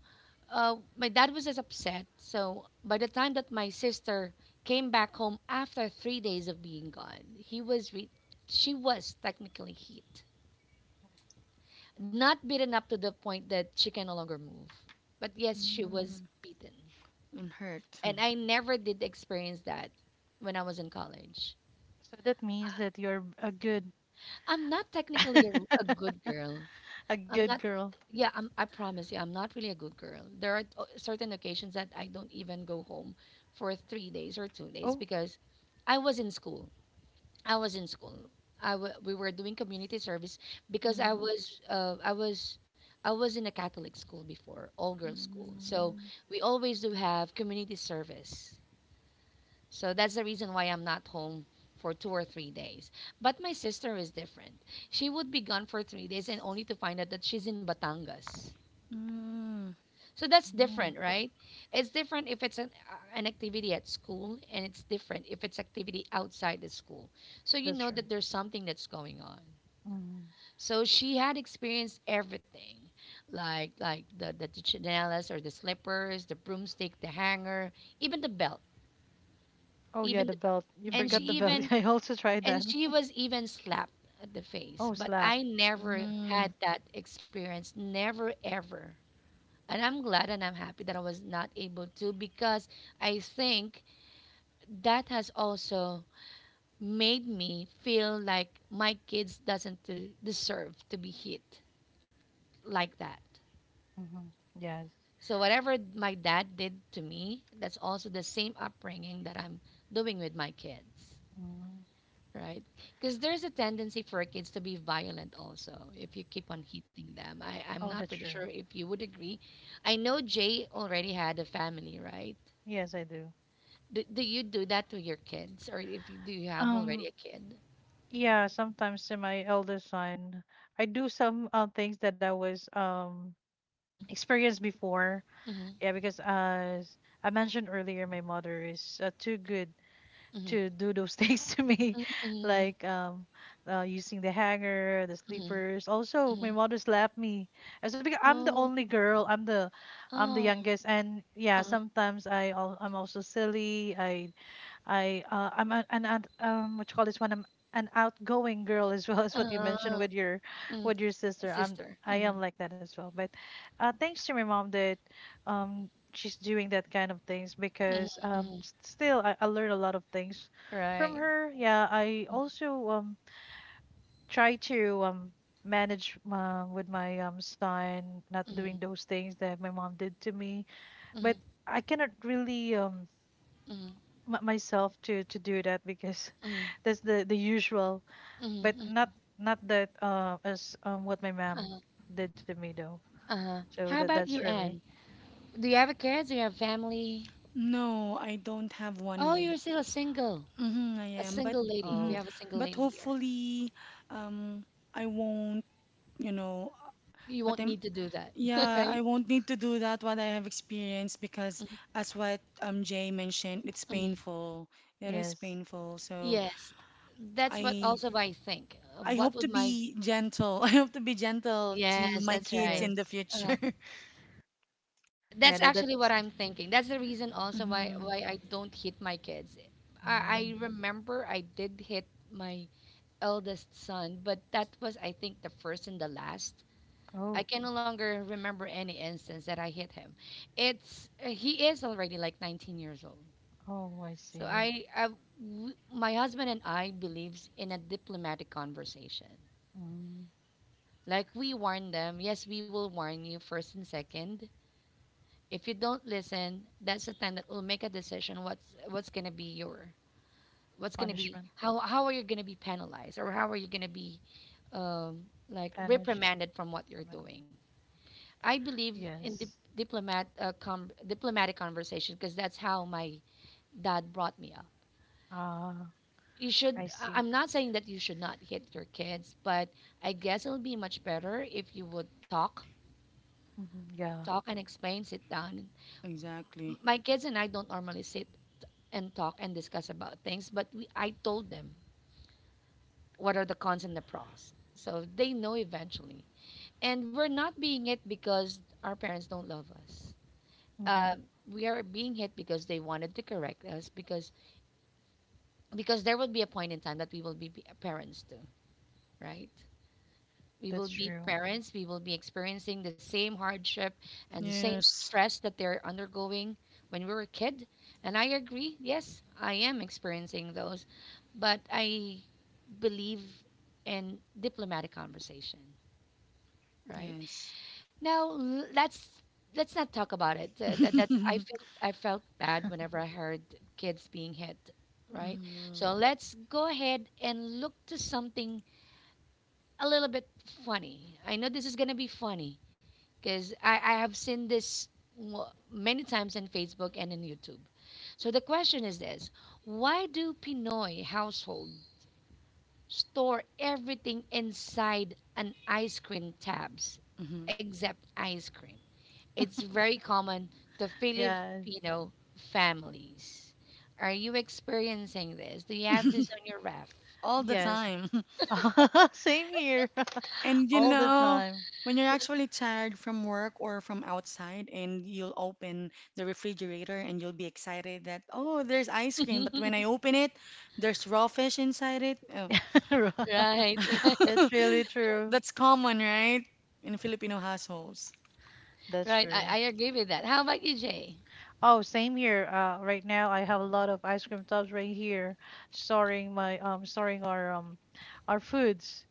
A: uh, my dad was as upset. So by the time that my sister came back home after three days of being gone, he was re- she was technically hit. Not beaten up to the point that she can no longer move. But yes, she was
C: Mm.
A: beaten.
C: And hurt.
A: And I never did experience that when I was in college.
B: so that means that you're a good
A: I'm not technically a, a good girl.
B: *laughs* a
A: I'm
B: good
A: not,
B: girl.
A: yeah, I'm, I promise you, I'm not really a good girl. There are o- certain occasions that I don't even go home for three days or two days
B: Oh,
A: because I was in school. I was in school. I w- we were doing community service because I
C: Mm.
A: was uh, I was I was in a Catholic school before, all girls school. So
C: Mm.
A: we always do have community service. So that's the reason why I'm not home for two or three days. But my sister is different. She would be gone for three days and only to find out that she's in Batangas.
C: Mm.
A: So that's
B: no,
A: different, right? It's different if it's an, uh, an activity at school, and it's different if it's activity outside the school. So you
B: that's
A: know
B: true.
A: that there's something that's going on.
B: Hmm.
A: So she had experienced everything, like like the the, the chinelas or the slippers, the broomstick, the hanger, even the belt,
B: Oh, yeah,
A: even
B: the
A: the belt.
B: belt. You
A: And she
B: forgot the
C: Mhm.
B: belt. *laughs*
A: even
B: I also tried
A: and
B: that.
A: she
B: *laughs*
A: was even slapped at the face.
B: Oh,
A: But
B: slap.
A: I never
C: Mm.
A: had that experience, never ever. And I'm glad and I'm happy that I was not able to because I think that has also made me feel like my kids doesn't uh, deserve to be hit like that.
B: Hmm. Yes.
A: So whatever my dad did to me, that's also the same upbringing that I'm doing with my kids,
B: Mm.
A: right? Because there's a tendency for kids to be violent also if you keep on hitting them. I, I'm
B: Oh,
A: not
B: that's
A: pretty
B: true.
A: sure if you would agree. I know Jay already had a family, right?
B: Yes, I do.
A: Do, do you do that to your kids, or if you, do you have already
B: Um,
A: a kid?
B: yeah, sometimes to my eldest son, I do some uh, things that I was um
A: Mm,
B: experienced before.
A: mhm,
B: Yeah, because as I mentioned earlier, my mother is uh, too good
A: mhm,
B: to do those things *laughs* to me,
A: mm, mhm.
B: like um, uh, using the hanger, the sleepers. Also, my mother slapped me. As Because I'm the
A: Oh,
B: only girl, I'm the, I'm the
A: oh,
B: youngest, and yeah,
A: uh,
B: sometimes I al- I'm also silly. I I uh, I'm a, an out- um what you call this one, I'm an outgoing girl as well *laughs* as what you
A: uh, uh,
B: mentioned with your
A: mm,
B: with your sister. I'm
A: sister.
B: I am
A: Mhm,
B: like that as well. But uh, thanks to my mom that um she's doing that kind of things
A: mhm,
B: because um
A: mhm.
B: s- still I, I learn a lot of things from
A: Right.
B: her. Yeah, I also um try to um manage uh, with my um son not
A: Mm-hmm.
B: doing those things that my mom did to me. But
A: Mm-hmm.
B: I cannot really um
A: Mm,
B: m- myself to to do that because
A: mm,
B: *laughs* that's the the usual
A: mm,
B: but
A: mm.
B: not not that uh as um what my mom
A: Uh-huh.
B: did to me though,
A: Uh-huh.
B: so
A: How
B: that
A: about
B: that's
A: you,
B: for me.
A: Anne? Do you have a kids? Do you have family?
C: No, I don't have one
A: Oh, you're
C: yet.
A: still a single,
C: Hmm. I
A: a
C: am, but
A: single lady. We
C: mhm.
B: Oh
A: have a single
C: But
A: lady here.
C: hopefully, um, I won't. You know,
A: You
C: but
A: won't
C: I'm,
A: need to do that, *laughs*
C: yeah,
A: right?
C: I won't need to do that what I have experienced, because as what um Jay mentioned, it's
A: Mm.
C: painful. It is
B: yes,
C: painful. So
A: Yes, that's what
C: i
A: also I think. Uh,
C: i
A: What
C: hope to
A: would my
C: be gentle. *laughs* I hope to be gentle to
A: yes,
C: my
A: that's
C: kids
A: right.
B: yes.
C: in the
A: Uh,
C: future.
B: Yeah,
A: that's
B: that
A: actually what
B: that's,
A: I'm thinking. That's the reason
C: *laughs*
A: also why
C: Hmm.
A: why I don't hit my kids. I, I
B: mm.
A: remember I did hit my eldest son, but that was I think the first and the last.
B: Oh,
A: I can no longer remember any instance that I hit him. It's uh, He is already like nineteen years old years old.
B: oh, I
A: So
B: see.
A: I, I w- my husband and I believes in a diplomatic conversation.
B: Mm.
A: Like we warn them, yes, we will warn you first and second. If you don't listen, that's the time that we'll make a decision what's what's going to be your what's going to be
B: Punishment.
A: how how are you going to be penalized or how are you going to be um, like
B: Punish.
A: reprimanded from what you're
B: Reprimand-.
A: doing. I believe in dip-
B: Yes.
A: diplomat uh, com- diplomatic conversation because that's how my dad brought me up.
B: Ah,
A: You
B: I
A: should. I-
B: see.
A: I'm not saying that you should not hit your kids, but I guess it'll be much better if you would talk,
B: Hmm, yeah.
A: talk and explain, sit down. M-
C: Exactly,
A: My kids and I don't normally sit and talk and discuss about things, but we, I told them what are the cons and the pros, so they know eventually. And we're not being it because our parents don't love us,
B: Hmm,
A: uh, we are being hit because they wanted to correct us because because there will be a point in time that we will be be- parents too, right? We will
B: that's
A: be
B: true.
A: parents. We will be experiencing the same hardship and the same
C: yes.
A: stress that they're undergoing when we were a kid. And I agree, yes, I am experiencing those, but I believe in diplomatic conversation, right?
C: Yes.
A: No, l- let's let's not talk about it. Uh, that
C: *laughs*
A: that's I
C: Hmm.
A: feel I felt bad whenever I heard kids being hit, right? So let's go ahead and look to something a little bit funny. I know this is gonna be funny because I I have seen this w- many times in Facebook and in YouTube. So the question is this: why do Pinoy household store everything inside an ice cream tabs
C: Hmm.
A: except ice cream? It's very common to
B: Yeah.
A: Filipino families. Are you experiencing this? Do you have this on your ref?
C: All the
B: Yes.
C: time. *laughs*
B: *laughs* Same here. *laughs*
C: And you
B: All the
C: know,
B: time.
C: when you're actually tired from work or from outside, and you'll open the refrigerator, and you'll be excited that, oh, there's ice cream. But when I open it, there's raw fish inside it. Oh.
A: Right,
B: *laughs*
A: *laughs*
B: That's
C: *laughs*
B: really true.
C: That's common, right? In Filipino households.
B: That's
A: right. I,
B: true.
A: I agree with that. How about you, Jay?
B: Oh, same here. Uh, right now I have a lot of ice cream tubs right here, storing my um, storing our um, our foods.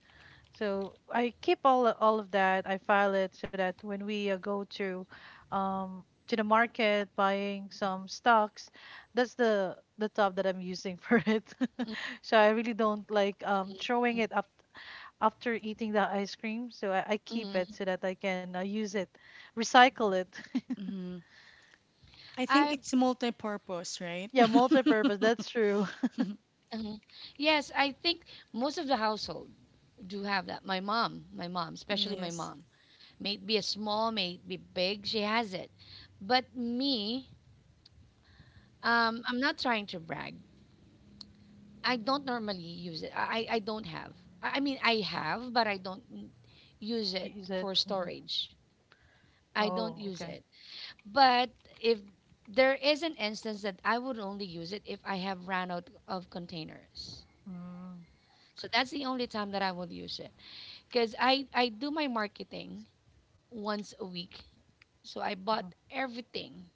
B: So I keep all all of that. I file it so that when we uh, go to, um, to the market buying some stocks, that's the the tub that I'm using for it. *laughs* So I really don't like um throwing it up after eating the ice cream. So I, I keep
A: Mm,
B: it so that I can uh, use it, recycle it. *laughs*
C: Hmm. I think
A: I
C: it's multi-purpose, right?
B: Yeah, multi-purpose. That's
C: *laughs*
B: true. *laughs*
A: mhm. Yes, I think most of the household do have that. My mom, my mom, especially my
C: Yes,
A: mom, may it be a small, may it be big, she has it. But me, um, I'm not trying to brag, I don't normally use it. I I I don't have. I, I mean I have, but I don't n- use it
B: Use it.
A: for
B: Hmm.
A: storage. I don't
B: Oh,
A: use
B: okay.
A: it. But if there is an instance that I would only use it if I have ran out of containers.
B: Mm-hmm.
A: So that's the only time that I will use it because I I do my marketing once a week. So I bought
B: Mm-hmm.
A: everything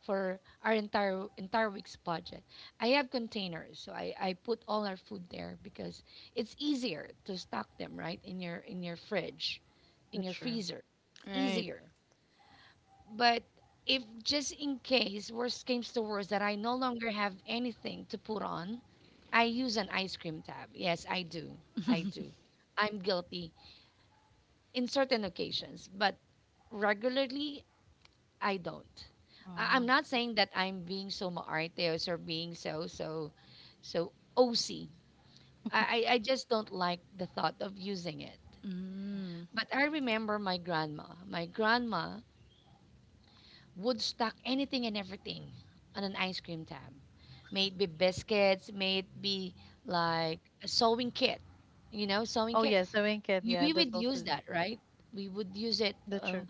A: for our entire entire week's budget. I have containers, so I, I put all our food there because it's easier to stock them right in your in your fridge, in
B: That's
A: your
B: true.
A: freezer. It's
C: right.
A: easier. But if just in case worst comes to worst that I no longer have anything to put on, I use an ice cream tab. Yes, I do. I do. I'm guilty in certain occasions, but regularly I don't. I, I'm
B: Mm.
A: not saying that I'm being so maarteos or so being so so so O C. I, I I just don't like the thought of using it.
C: Mm.
B: Mm.
A: But I remember my grandma. My grandma would stock anything and everything on an ice cream tab. May it be biscuits, may it be like a sewing kit, you know, sewing
B: Oh
A: kit.
B: yes, the wing kit.
A: We
B: Yeah,
A: we
B: that's
A: would use
B: also,
A: that, right? We would use it.
B: that's true.
A: Um,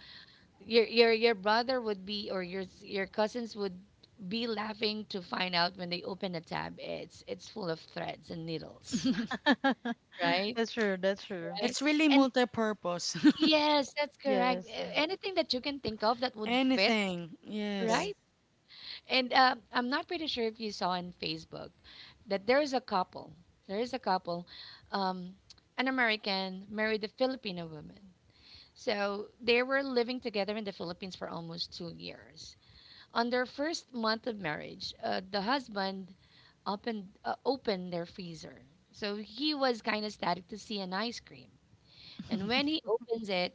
A: Your your your brother would be or your s- your cousins would be laughing to find out when they open a tab it's it's full of threads and needles,
B: *laughs*
A: right?
B: That's true. That's true.
A: Right.
C: It's really
A: And
C: multi-purpose.
A: yes, that's correct.
B: Yes. uh,
A: A- anything that you can think of that
C: *laughs*
A: would fit,
C: Anything, yes.
B: Yes.
A: right? And uh, I'm not pretty sure if you saw on Facebook that there is a couple there is a couple, um, an American married a Filipino woman, so they were living together in the Philippines for almost two years. On their first month of marriage, uh, the husband opened uh, opened their freezer. So he was kind of static to see an ice cream. And when
C: *laughs*
A: he opens it,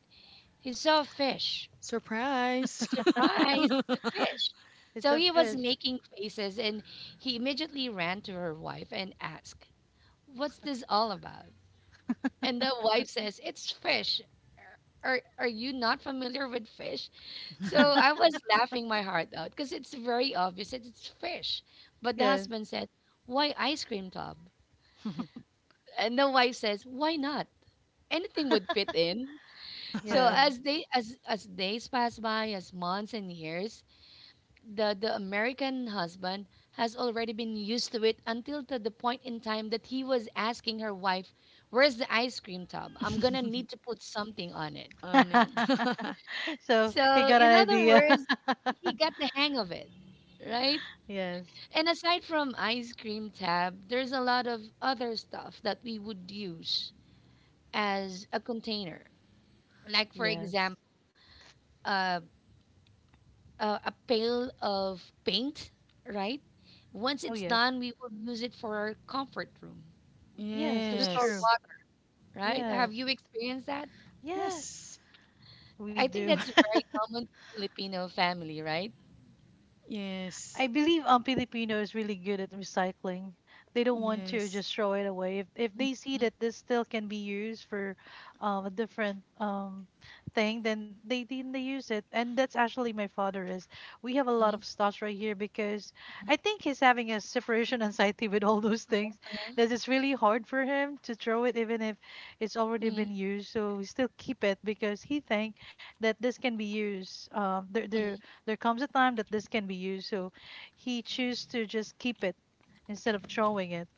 A: he saw a fish.
C: Surprise!
A: Surprise, it's a
C: *laughs*
A: fish.
B: It's
A: So
B: a
A: he was
B: fish.
A: making faces and he immediately ran to her wife and asked, "What's this all about?" And the wife says, "It's fish. Are, are you not familiar with fish?" So I was laughing my heart out because it's very obvious that it's fish. But the
B: Yes.
A: husband said, "Why ice cream tub?" And the wife says, "Why not? Anything would fit in." So
B: Yeah.
A: as they as as days pass by, as months and years, the the American husband has already been used to it until to the point in time that he was asking her wife, "Where's the ice cream tub? I'm gonna need to put something on it."
C: On it. *laughs*
B: *laughs* So he
A: So,
B: got an
A: in other
B: idea.
A: words, he
B: *laughs*
A: got the hang of it, right?
B: Yes.
A: And aside from ice cream tab, there's a lot of other stuff that we would use as a container. Like for
B: Yes.
A: example, uh, uh, a pail of paint, right? Once
B: Oh
A: it's
B: yes.
A: done, we will use it for our comfort room
B: Yes,
A: to
B: that's
A: store
C: Yes.
B: true.
A: water, right? Have
B: Yes.
A: you experienced that?
B: Yes,
C: Yes.
B: we
A: I think
B: do.
A: that's a very common Filipino family, right?
C: Yes.
B: I believe um Filipino is really good at recycling. They don't want to
C: Yes.
B: just throw it away. If if they see that this still can be used for um, a different um thing, then they then they use it. And that's actually my father is. We have a lot
A: Mhm,
B: of stuff right here because I think he's having a separation *laughs* anxiety with all those things. That it's really hard for him to throw it even if it's already
A: mhm,
B: been used. So we still keep it because he think that this can be used. Um, there
A: mhm.
B: there there comes a time that this can be used. So he choose to just keep it instead of throwing it.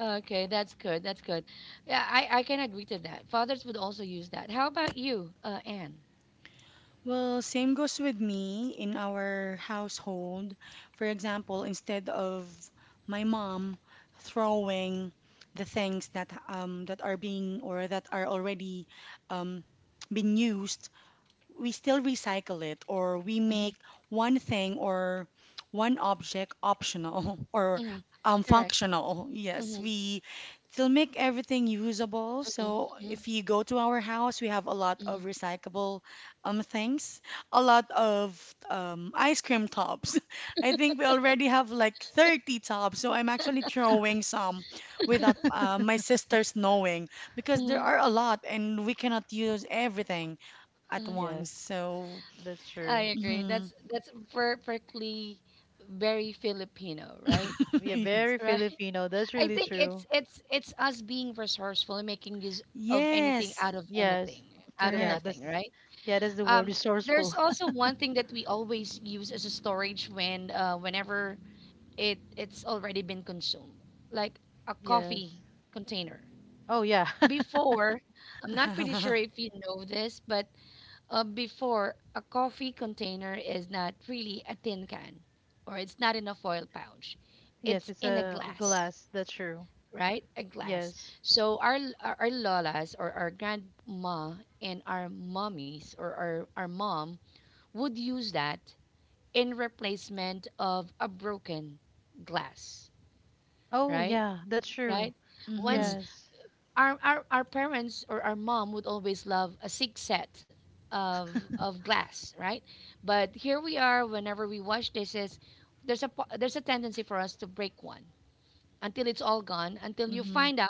A: Okay, that's good. That's good. Yeah, I, I can agree to that. Fathers would also use that. How about you, uh, Anne?
C: Well, same goes with me in our household. For example, instead of my mom throwing the things that um that are being, or that are already um being used, we still recycle it, or we
A: Hmm,
C: make one thing, or one object optional *laughs* or
A: hmm.
C: um,
A: Correct.
C: functional. Yes,
A: Hmm,
C: we still make everything usable.
A: hmm,
C: So if you go to our house, we have a lot
A: hmm,
C: of recyclable um, things, a lot of um, ice cream tops. *laughs* I think we already have like thirty tops. So I'm actually throwing some without uh, my
B: *laughs*
C: sisters knowing because there
A: hmm,
C: are a lot and we cannot use everything at
A: hmm.
C: once.
B: Yes,
C: So,
B: that's
A: I
B: true.
A: agree.
C: mhm.
A: That's that's perfectly very Filipino, right?
C: *laughs*
B: Yeah,
C: Yes.
B: very
A: Right.
B: Filipino. That's
A: I
B: really
A: think it's
B: true.
A: it's it's us being resourceful and making use of anything
C: Yes,
A: out of
B: Yes.
A: anything, out of
B: Yeah,
C: correct.
A: nothing,
B: that's
A: right?
B: yeah, that's the word
A: Um,
B: resourceful.
A: there's also one thing that we always use as a storage when uh, whenever it it's already been consumed, like a
B: *laughs*
A: coffee
B: Yes.
A: container.
B: Oh yeah. *laughs*
A: Before, I'm not pretty sure
C: *laughs*
A: if you know this, but uh, before a coffee container is not really a tin can, or it's not in a foil pouch,
B: Yes,
A: it's
B: it's
A: in a
B: a
A: glass,
B: glass. That's true.
A: right? A glass.
B: Yes.
A: So our l- our, our lolas or our grandma and our mummies or our, our mom would use that in replacement of a broken glass,
B: Oh
A: right?
B: yeah, that's
A: Right?
B: true.
C: Mm-hmm.
A: Once
B: Yes.
A: our our, our parents or our mom would always love a six set of of glass, right? But here we are whenever we wash dishes, there's a po- there's a tendency for us to break one until it's all gone, until you
C: Mm-hmm.
A: find out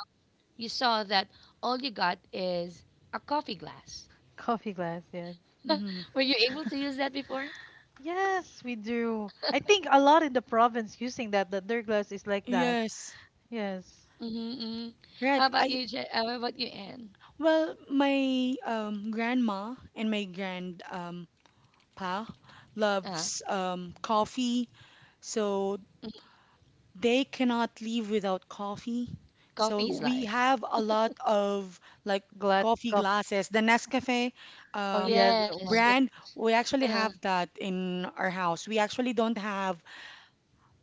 A: you saw that all you got is a coffee glass.
B: Coffee glass, yes.
C: Mm-hmm.
A: *laughs* Were you able to use that before?
B: Yes, we do. I think a lot in the province using that, that their glass is like that.
C: Yes.
B: Yes.
A: Mm-hmm. Mm. How
C: Right.
A: about
C: I
A: you, Je- uh, how about you, Anne?
C: well, my um grandma and my grand um pa
A: Uh,
C: loves um coffee. So
A: mhm.
C: they cannot leave without coffee.
A: Coffee
C: So
A: is
C: we
A: life.
C: have a lot of like
B: Glass
C: coffee
B: coffee.
C: glasses. The Nescafe
B: Oh
C: um,
B: yeah, that
A: Yes.
B: one.
A: Yes.
C: brand, we actually
A: Uh,
C: have that in our house. We actually don't have,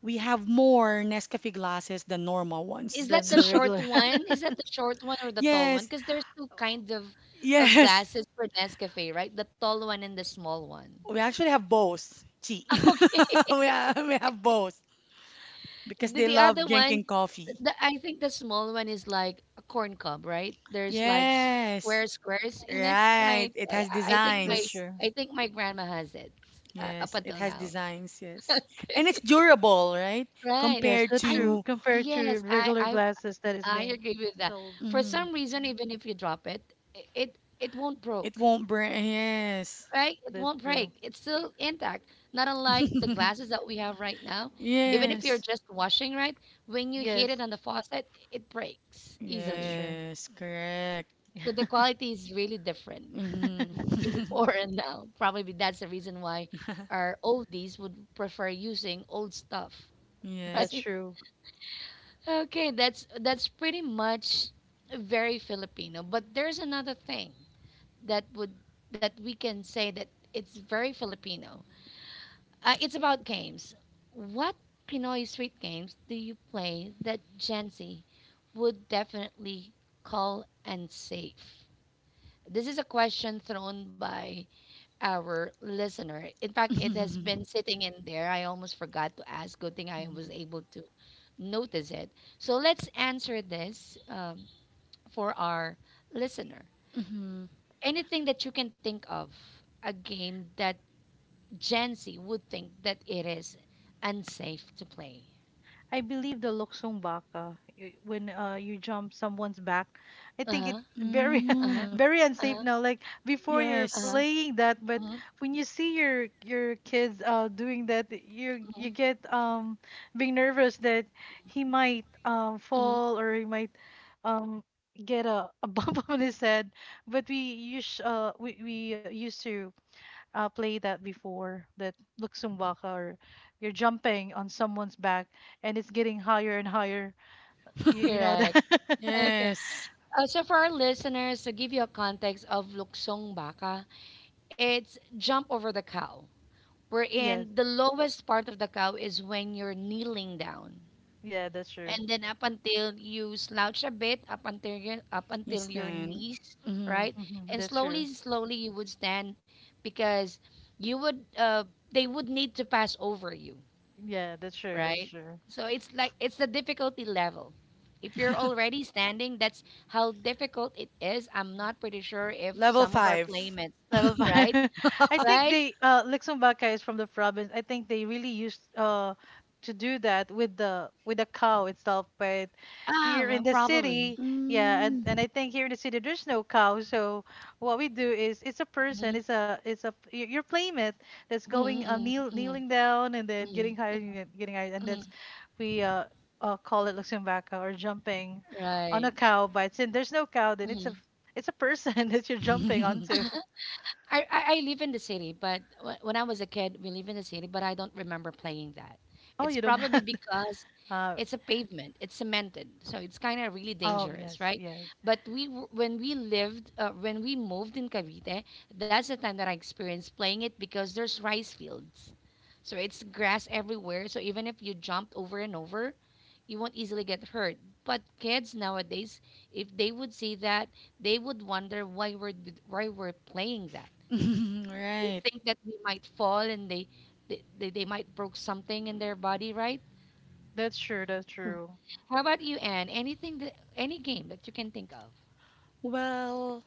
C: we have more Nescafe glasses than normal
A: is
C: ones. *laughs*
A: that
B: Then
A: the
C: So
B: the
A: short
B: regular. *laughs*
A: one? Is that the short one or the tall one?
C: yes,
A: Because there's two kinds of of
C: yes,
A: glasses for Nescafe, right? The tall one and the small one.
C: we actually have both. Gee,
A: *laughs*
C: *laughs*
A: Okay.
C: we have, we have both because
A: The,
C: they
A: the
C: love
A: other one.
C: drinking coffee.
A: The, I think the small one is like a corn cob, right? There's like s-
C: Yes,
A: square squares in it,
C: right.
A: right?
C: It
A: I,
C: has
A: I I think
B: That's
A: my
C: designs.
B: true.
A: I think my grandma has it uh, up
C: Yes, it
A: until
C: has
A: now.
C: designs,
A: *laughs*
C: yes. And it's
A: Okay.
C: durable, right?
A: Right.
B: Yes,
C: Compared
B: that's
A: I
B: true.
A: kn-
C: to,
B: Compared to
A: yes, I
B: regular
A: I
B: glasses that is
A: I
B: being
A: agree with that.
B: sold,
A: For
C: Mhm.
A: some reason, even if you drop it, i- it it won't
C: It
A: broke,
C: won't burn. Yes.
A: right? It
B: that's
A: won't
B: true.
A: break. It's still intact. Not unlike the glasses
C: *laughs*
A: that we have right now. Even
B: Hmm.
A: if you're
C: Yes.
A: just washing, right? When you hit it
B: Yes,
A: on the faucet, it breaks
B: that's
A: easily.
B: true.
C: Yes, correct.
A: So the quality is really different
B: *laughs*
A: *laughs*
C: Mhm.
A: before and now. Probably that's the reason why
C: *laughs*
A: our oldies would prefer using old stuff, *laughs*
C: Yes.
B: That's
A: right?
B: true.
A: Okay, that's that's pretty much very Filipino. But there's another thing that would that we can say that it's very Filipino. Uh, it's about games. What Pinoy street games do you play that Gen Z would definitely call and safe? This is a question thrown by our listener. In fact, it has been
C: *laughs*
A: sitting in there. I almost forgot to ask. Good thing
C: Mhm.
A: I was
C: Mhm.
A: able to notice it. So let's answer this um, for our listener.
C: Mhm.
A: Anything that you can think of, a game that Gen Z would think that it is unsafe to play.
B: I believe the Luksong Baka, y- when uh, you jump someone's back, I
A: Uh
B: think it's
A: huh.
B: very,
A: Uh huh.
C: Mm.
B: *laughs* very
A: Uh
B: unsafe
A: huh.
B: now. Like before, you're
C: Yes.
A: Uh
B: playing that, but
A: huh.
B: when you see your your kids uh doing that, you you
A: Mm-hmm,
B: get um being nervous that he might um
A: mm-hmm.
B: fall or he might um get a, a bump *laughs* on his head. But we use uh we we used to uh, play that before that Luxumbaka or you're jumping on someone's back and it's getting higher and higher. You, you
C: *laughs*
B: know
A: Correct.
B: that?
A: Okay.
C: Yes.
A: Uh, so for our listeners, to give you a context of Luksong Baka, it's jump over the cow,
B: *laughs* Yes.
A: wherein the lowest part of the cow is when you're kneeling down,
B: Yeah, that's
A: and
B: true.
A: then up until you slouch a bit, up until your up
C: You
A: until your
C: stand.
A: knees,
C: Mhm.
A: right?
B: Hmm,
A: And
B: that's true.
A: slowly slowly you would stand, because you would uh, they would need to pass over you,
B: Yeah, that's true. That's
A: right?
B: true.
A: So it's like it's the difficulty level. If you're already standing, that's how difficult it is. I'm not pretty sure if
C: Level
A: some of our
C: five.
A: playmates,
B: Level five.
A: right,
B: *laughs* I think
A: right.
B: they uh Luxembourg is from the province. I think they really used uh to do that with the with the cow itself. But
A: Ah,
B: here in
A: well,
B: the city,
A: probably.
B: yeah, and,
C: Mm.
B: and I think here in the city there's no cow. So what we do is it's a person,
A: Mm-hmm.
B: it's a it's a y- your playmate that's
A: Mhm,
B: going um
A: mhm,
B: kneel, kneeling
A: mhm,
B: down and then getting
A: mhm,
B: higher and then getting higher, and that's
A: mhm.
B: we uh, uh call it Luxembourg or jumping on a
A: Right.
B: cow. But since there's no cow, then it's a
A: Mhm.
B: it's a person *laughs* that you're jumping onto.
C: *laughs*
A: I, I I live in the city, but wh- when I was a kid, we live in the city, but I don't remember playing that.
B: Oh, you
A: It's
B: don't
A: probably
B: have. *laughs*
A: because
B: Uh,
A: it's a pavement, it's cemented, so it's kind of really
B: oh,
A: dangerous,
B: yes,
A: right?
B: yes.
A: But we w- when we lived, uh, when we moved in Cavite, that's the time that I experienced playing it because there's rice fields, so it's grass everywhere. So even if you jumped over and over, you won't easily get hurt. But kids nowadays, if they would see that, they would wonder why we're d- why we're playing that. They
C: Right.
A: think that we might fall, and they they, they, they might broke something in their body, right?
B: That's true. That's true.
A: How about you, Anne? Anything that any game that you can think of?
C: Well,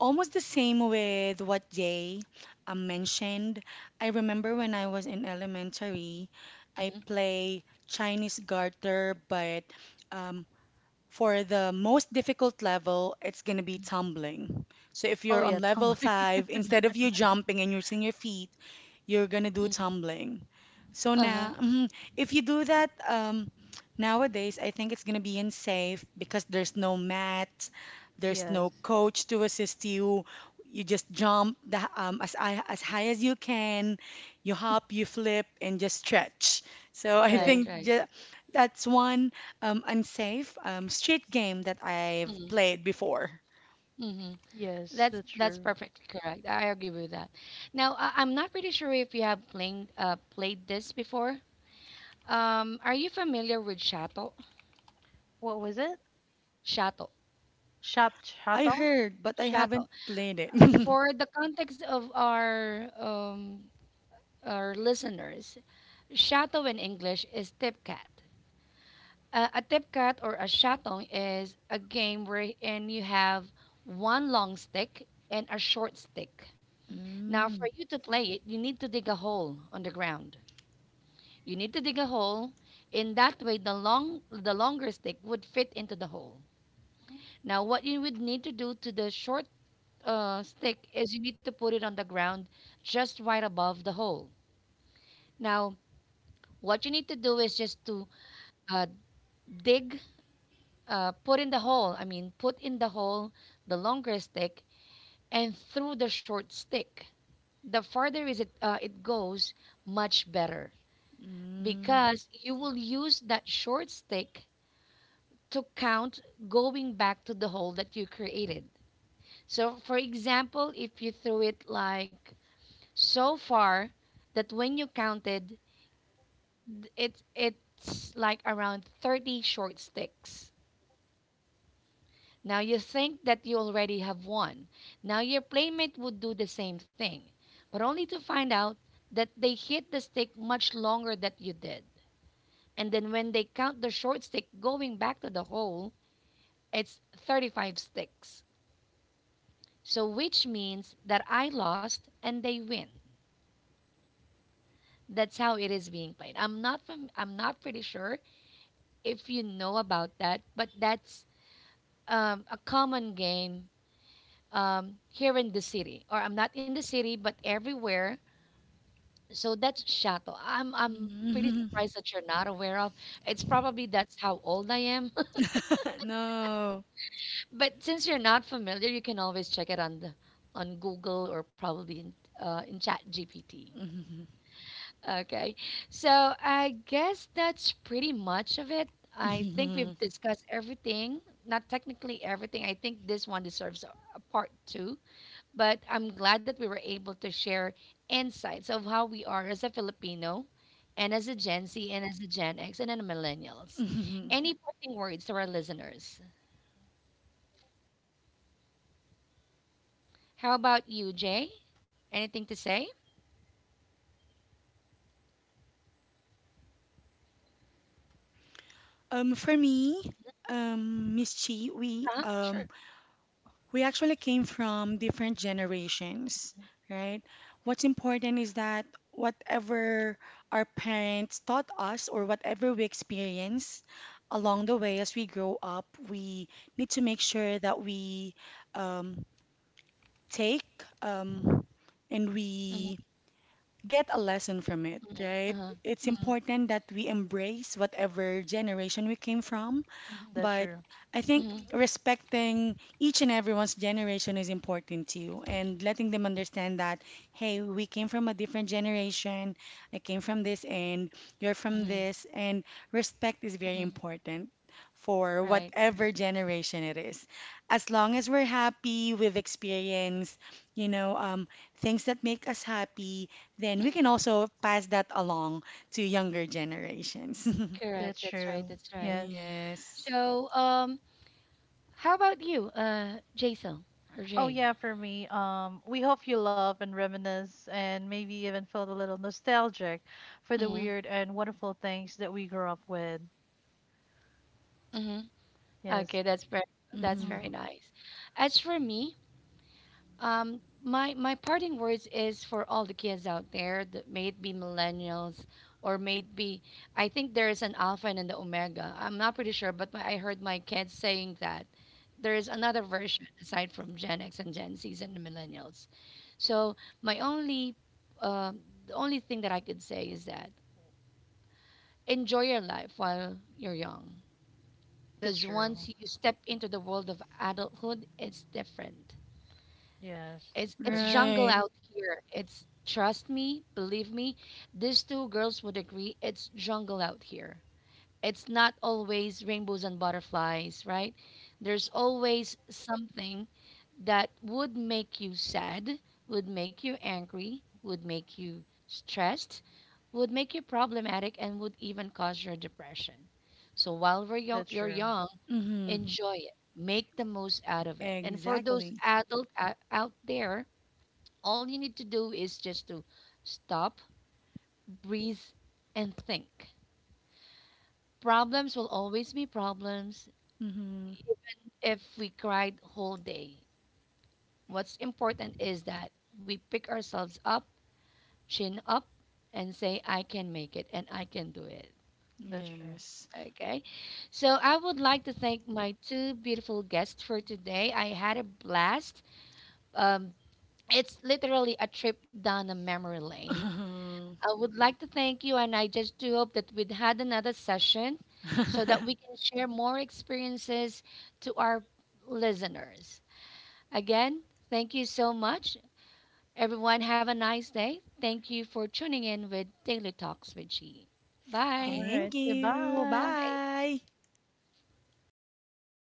C: almost the same with what Jay um, mentioned. I remember when I was in elementary, I
A: Mm-hmm,
C: play Chinese garter, but um, for the most difficult level, it's going to be tumbling. So if
B: Oh,
C: you're on
B: yeah,
C: level
B: Tumblr. *laughs*
C: five, instead of you jumping and using your feet, you're going to do
A: hmm.
C: tumbling. So
A: Uh-huh.
C: now, mhm, if you do that um, nowadays, I think it's going to be unsafe because there's no mat, there's no
B: Yes,
C: coach to assist you. You just jump the, um, as, I, as high as you can, you hop, you flip, and just stretch. So *laughs* I
A: Right,
B: yes,
C: think
A: right.
C: ju- that's one. Um, Unsafe, um, street game that I've played before.
A: Mm-hmm.
B: yes.
A: That's
B: That's
A: that's
B: true.
A: perfectly correct. I agree with that. Now, I, I'm not pretty sure if you have playing uh played this before. Um, are you familiar with Shato?
B: What was it?
A: Shato.
B: Shop
C: I
B: Chatong?
C: heard, but I
A: Shato. Uh,
C: haven't played it. *laughs*
A: For the context of our um our listeners, Shato in English is tipcat. Uh, a tipkat or a shatong is a game wherein you have one long stick and a short stick. Now,
C: Mm,
A: for you to play it, you need to dig a hole on the ground. You need to dig a hole. In that way, the long, the longer stick would fit into the hole. Now, what you would need to do to the short uh, stick is you need to put it on the ground just right above the hole. Now, what you need to do is just to uh, dig uh, put in the hole. I mean, put in the hole the longer stick and through the short stick. The farther is it uh, it goes, much better,
C: mm,
A: because you will use that short stick to count going back to the hole that you created. So, for example, if you threw it like so far that when you counted, th- it it's like around thirty short sticks. Now you think that you already have won. Now your playmate would do the same thing, but only to find out that they hit the stick much longer than you did. And then when they count the short stick going back to the hole, it's thirty-five sticks. So which means that I lost and they win. That's how it is being played. I'm not fam- I'm not pretty sure if you know about that, but that's um, a common game um, here in the city, or I'm not in the city, but everywhere. So that's Shato. I'm I'm pretty
C: mm.
A: surprised that you're not aware of. It's probably that's how old I am. *laughs*
C: *laughs* No.
A: But since you're not familiar, you can always check it on the on Google, or probably in uh, in Chat G P T.
C: Mhm,
A: Okay. So I guess that's pretty much of it. I think
C: mhm,
A: we've discussed everything. Not technically everything. I think this one deserves a a part two. But I'm glad that we were able to share insights of how we are as a Filipino and as a Gen Z and as a Gen X and then the millennials.
C: mhm.
A: Any parting words to our listeners? How about you, Jay? Anything to say?
C: Um, for me, um, Miss Chi, we
A: Huh?
C: um,
A: Sure.
C: we actually came from different generations, right? What's important is that whatever our parents taught us or whatever we experience along the way as we grow up, we need to make sure that we um, take um, and
A: Mhm,
C: we get a lesson from it,
A: mhm,
C: right?
A: uh-huh,
C: It's
A: mhm,
C: important that we embrace whatever generation we came from,
B: Mhm, that's
C: but
B: true.
C: I think
A: mhm,
C: respecting each and everyone's generation is important too, and letting them understand that, hey, we came from a different generation, I came from this and you're from
A: mhm,
C: this, and respect is very
A: mhm.
C: important for
A: Right, right.
C: whatever generation it is. As long as we're happy, we've experienced, you know, um, things that make us happy, then we can also pass that along to younger generations.
A: Correct.
B: That's
A: That's right.
B: true.
A: That's right.
B: Yes.
C: *laughs* Yes.
A: So, um, how about you, uh, Jason or
B: Oh
A: Jay?
B: yeah, for me. Um, we hope you love and reminisce and maybe even feel a little nostalgic for the
A: Mm-hmm.
B: weird and wonderful things that we grew up with.
A: Mm-hmm. Okay,
B: Yes.
A: that's very that's very
C: Mm-hmm.
B: Mm-hmm.
A: nice. As for me, Um, my my parting words is for all the kids out there, that may it be millennials or may it be, I think there is an alpha and an omega. I'm not pretty sure, but my, I heard my kids saying that there is another version aside from Gen X and Gen Zs and the millennials. So my only uh, the only thing that I could say is that enjoy your life while you're young,
B: That's
A: because
B: true.
A: once you step into the world of adulthood, it's different.
B: Yes.
A: It's it's
B: That's true.
A: jungle
C: Right.
A: out here. It's Trust me, believe me, these two girls would agree. It's jungle out here. It's not always rainbows and butterflies, right? There's always something that would make you sad, would make you angry, would make you stressed, would make you problematic, and would even cause your depression. So while we're yo-
B: That's
A: you're
B: true.
A: young,
C: Mm-hmm.
A: enjoy it. Make the most out of it. And for those
C: Exactly.
A: adult o- out there, all you need to do is just to stop, breathe, and think. Problems will always be problems,
C: Mm-hmm.
A: even if we cried whole day. What's important is that we pick ourselves up, chin up, and say, I can make it and I can do it.
B: That's true.
C: Yes.
A: Okay. So I would like to thank my two beautiful guests for today. I had a blast. Um, it's literally a trip down a memory lane.
C: *laughs*
A: I would like to thank you, and I just do hope that we'd had another session so that we can share more experiences to our listeners. Again, thank you so much. Everyone, have a nice day. Thank you for tuning in with Daily Talks with G.
B: All
A: Bye.
B: right.
C: Thank you.
B: Goodbye.
A: Bye.
C: Bye.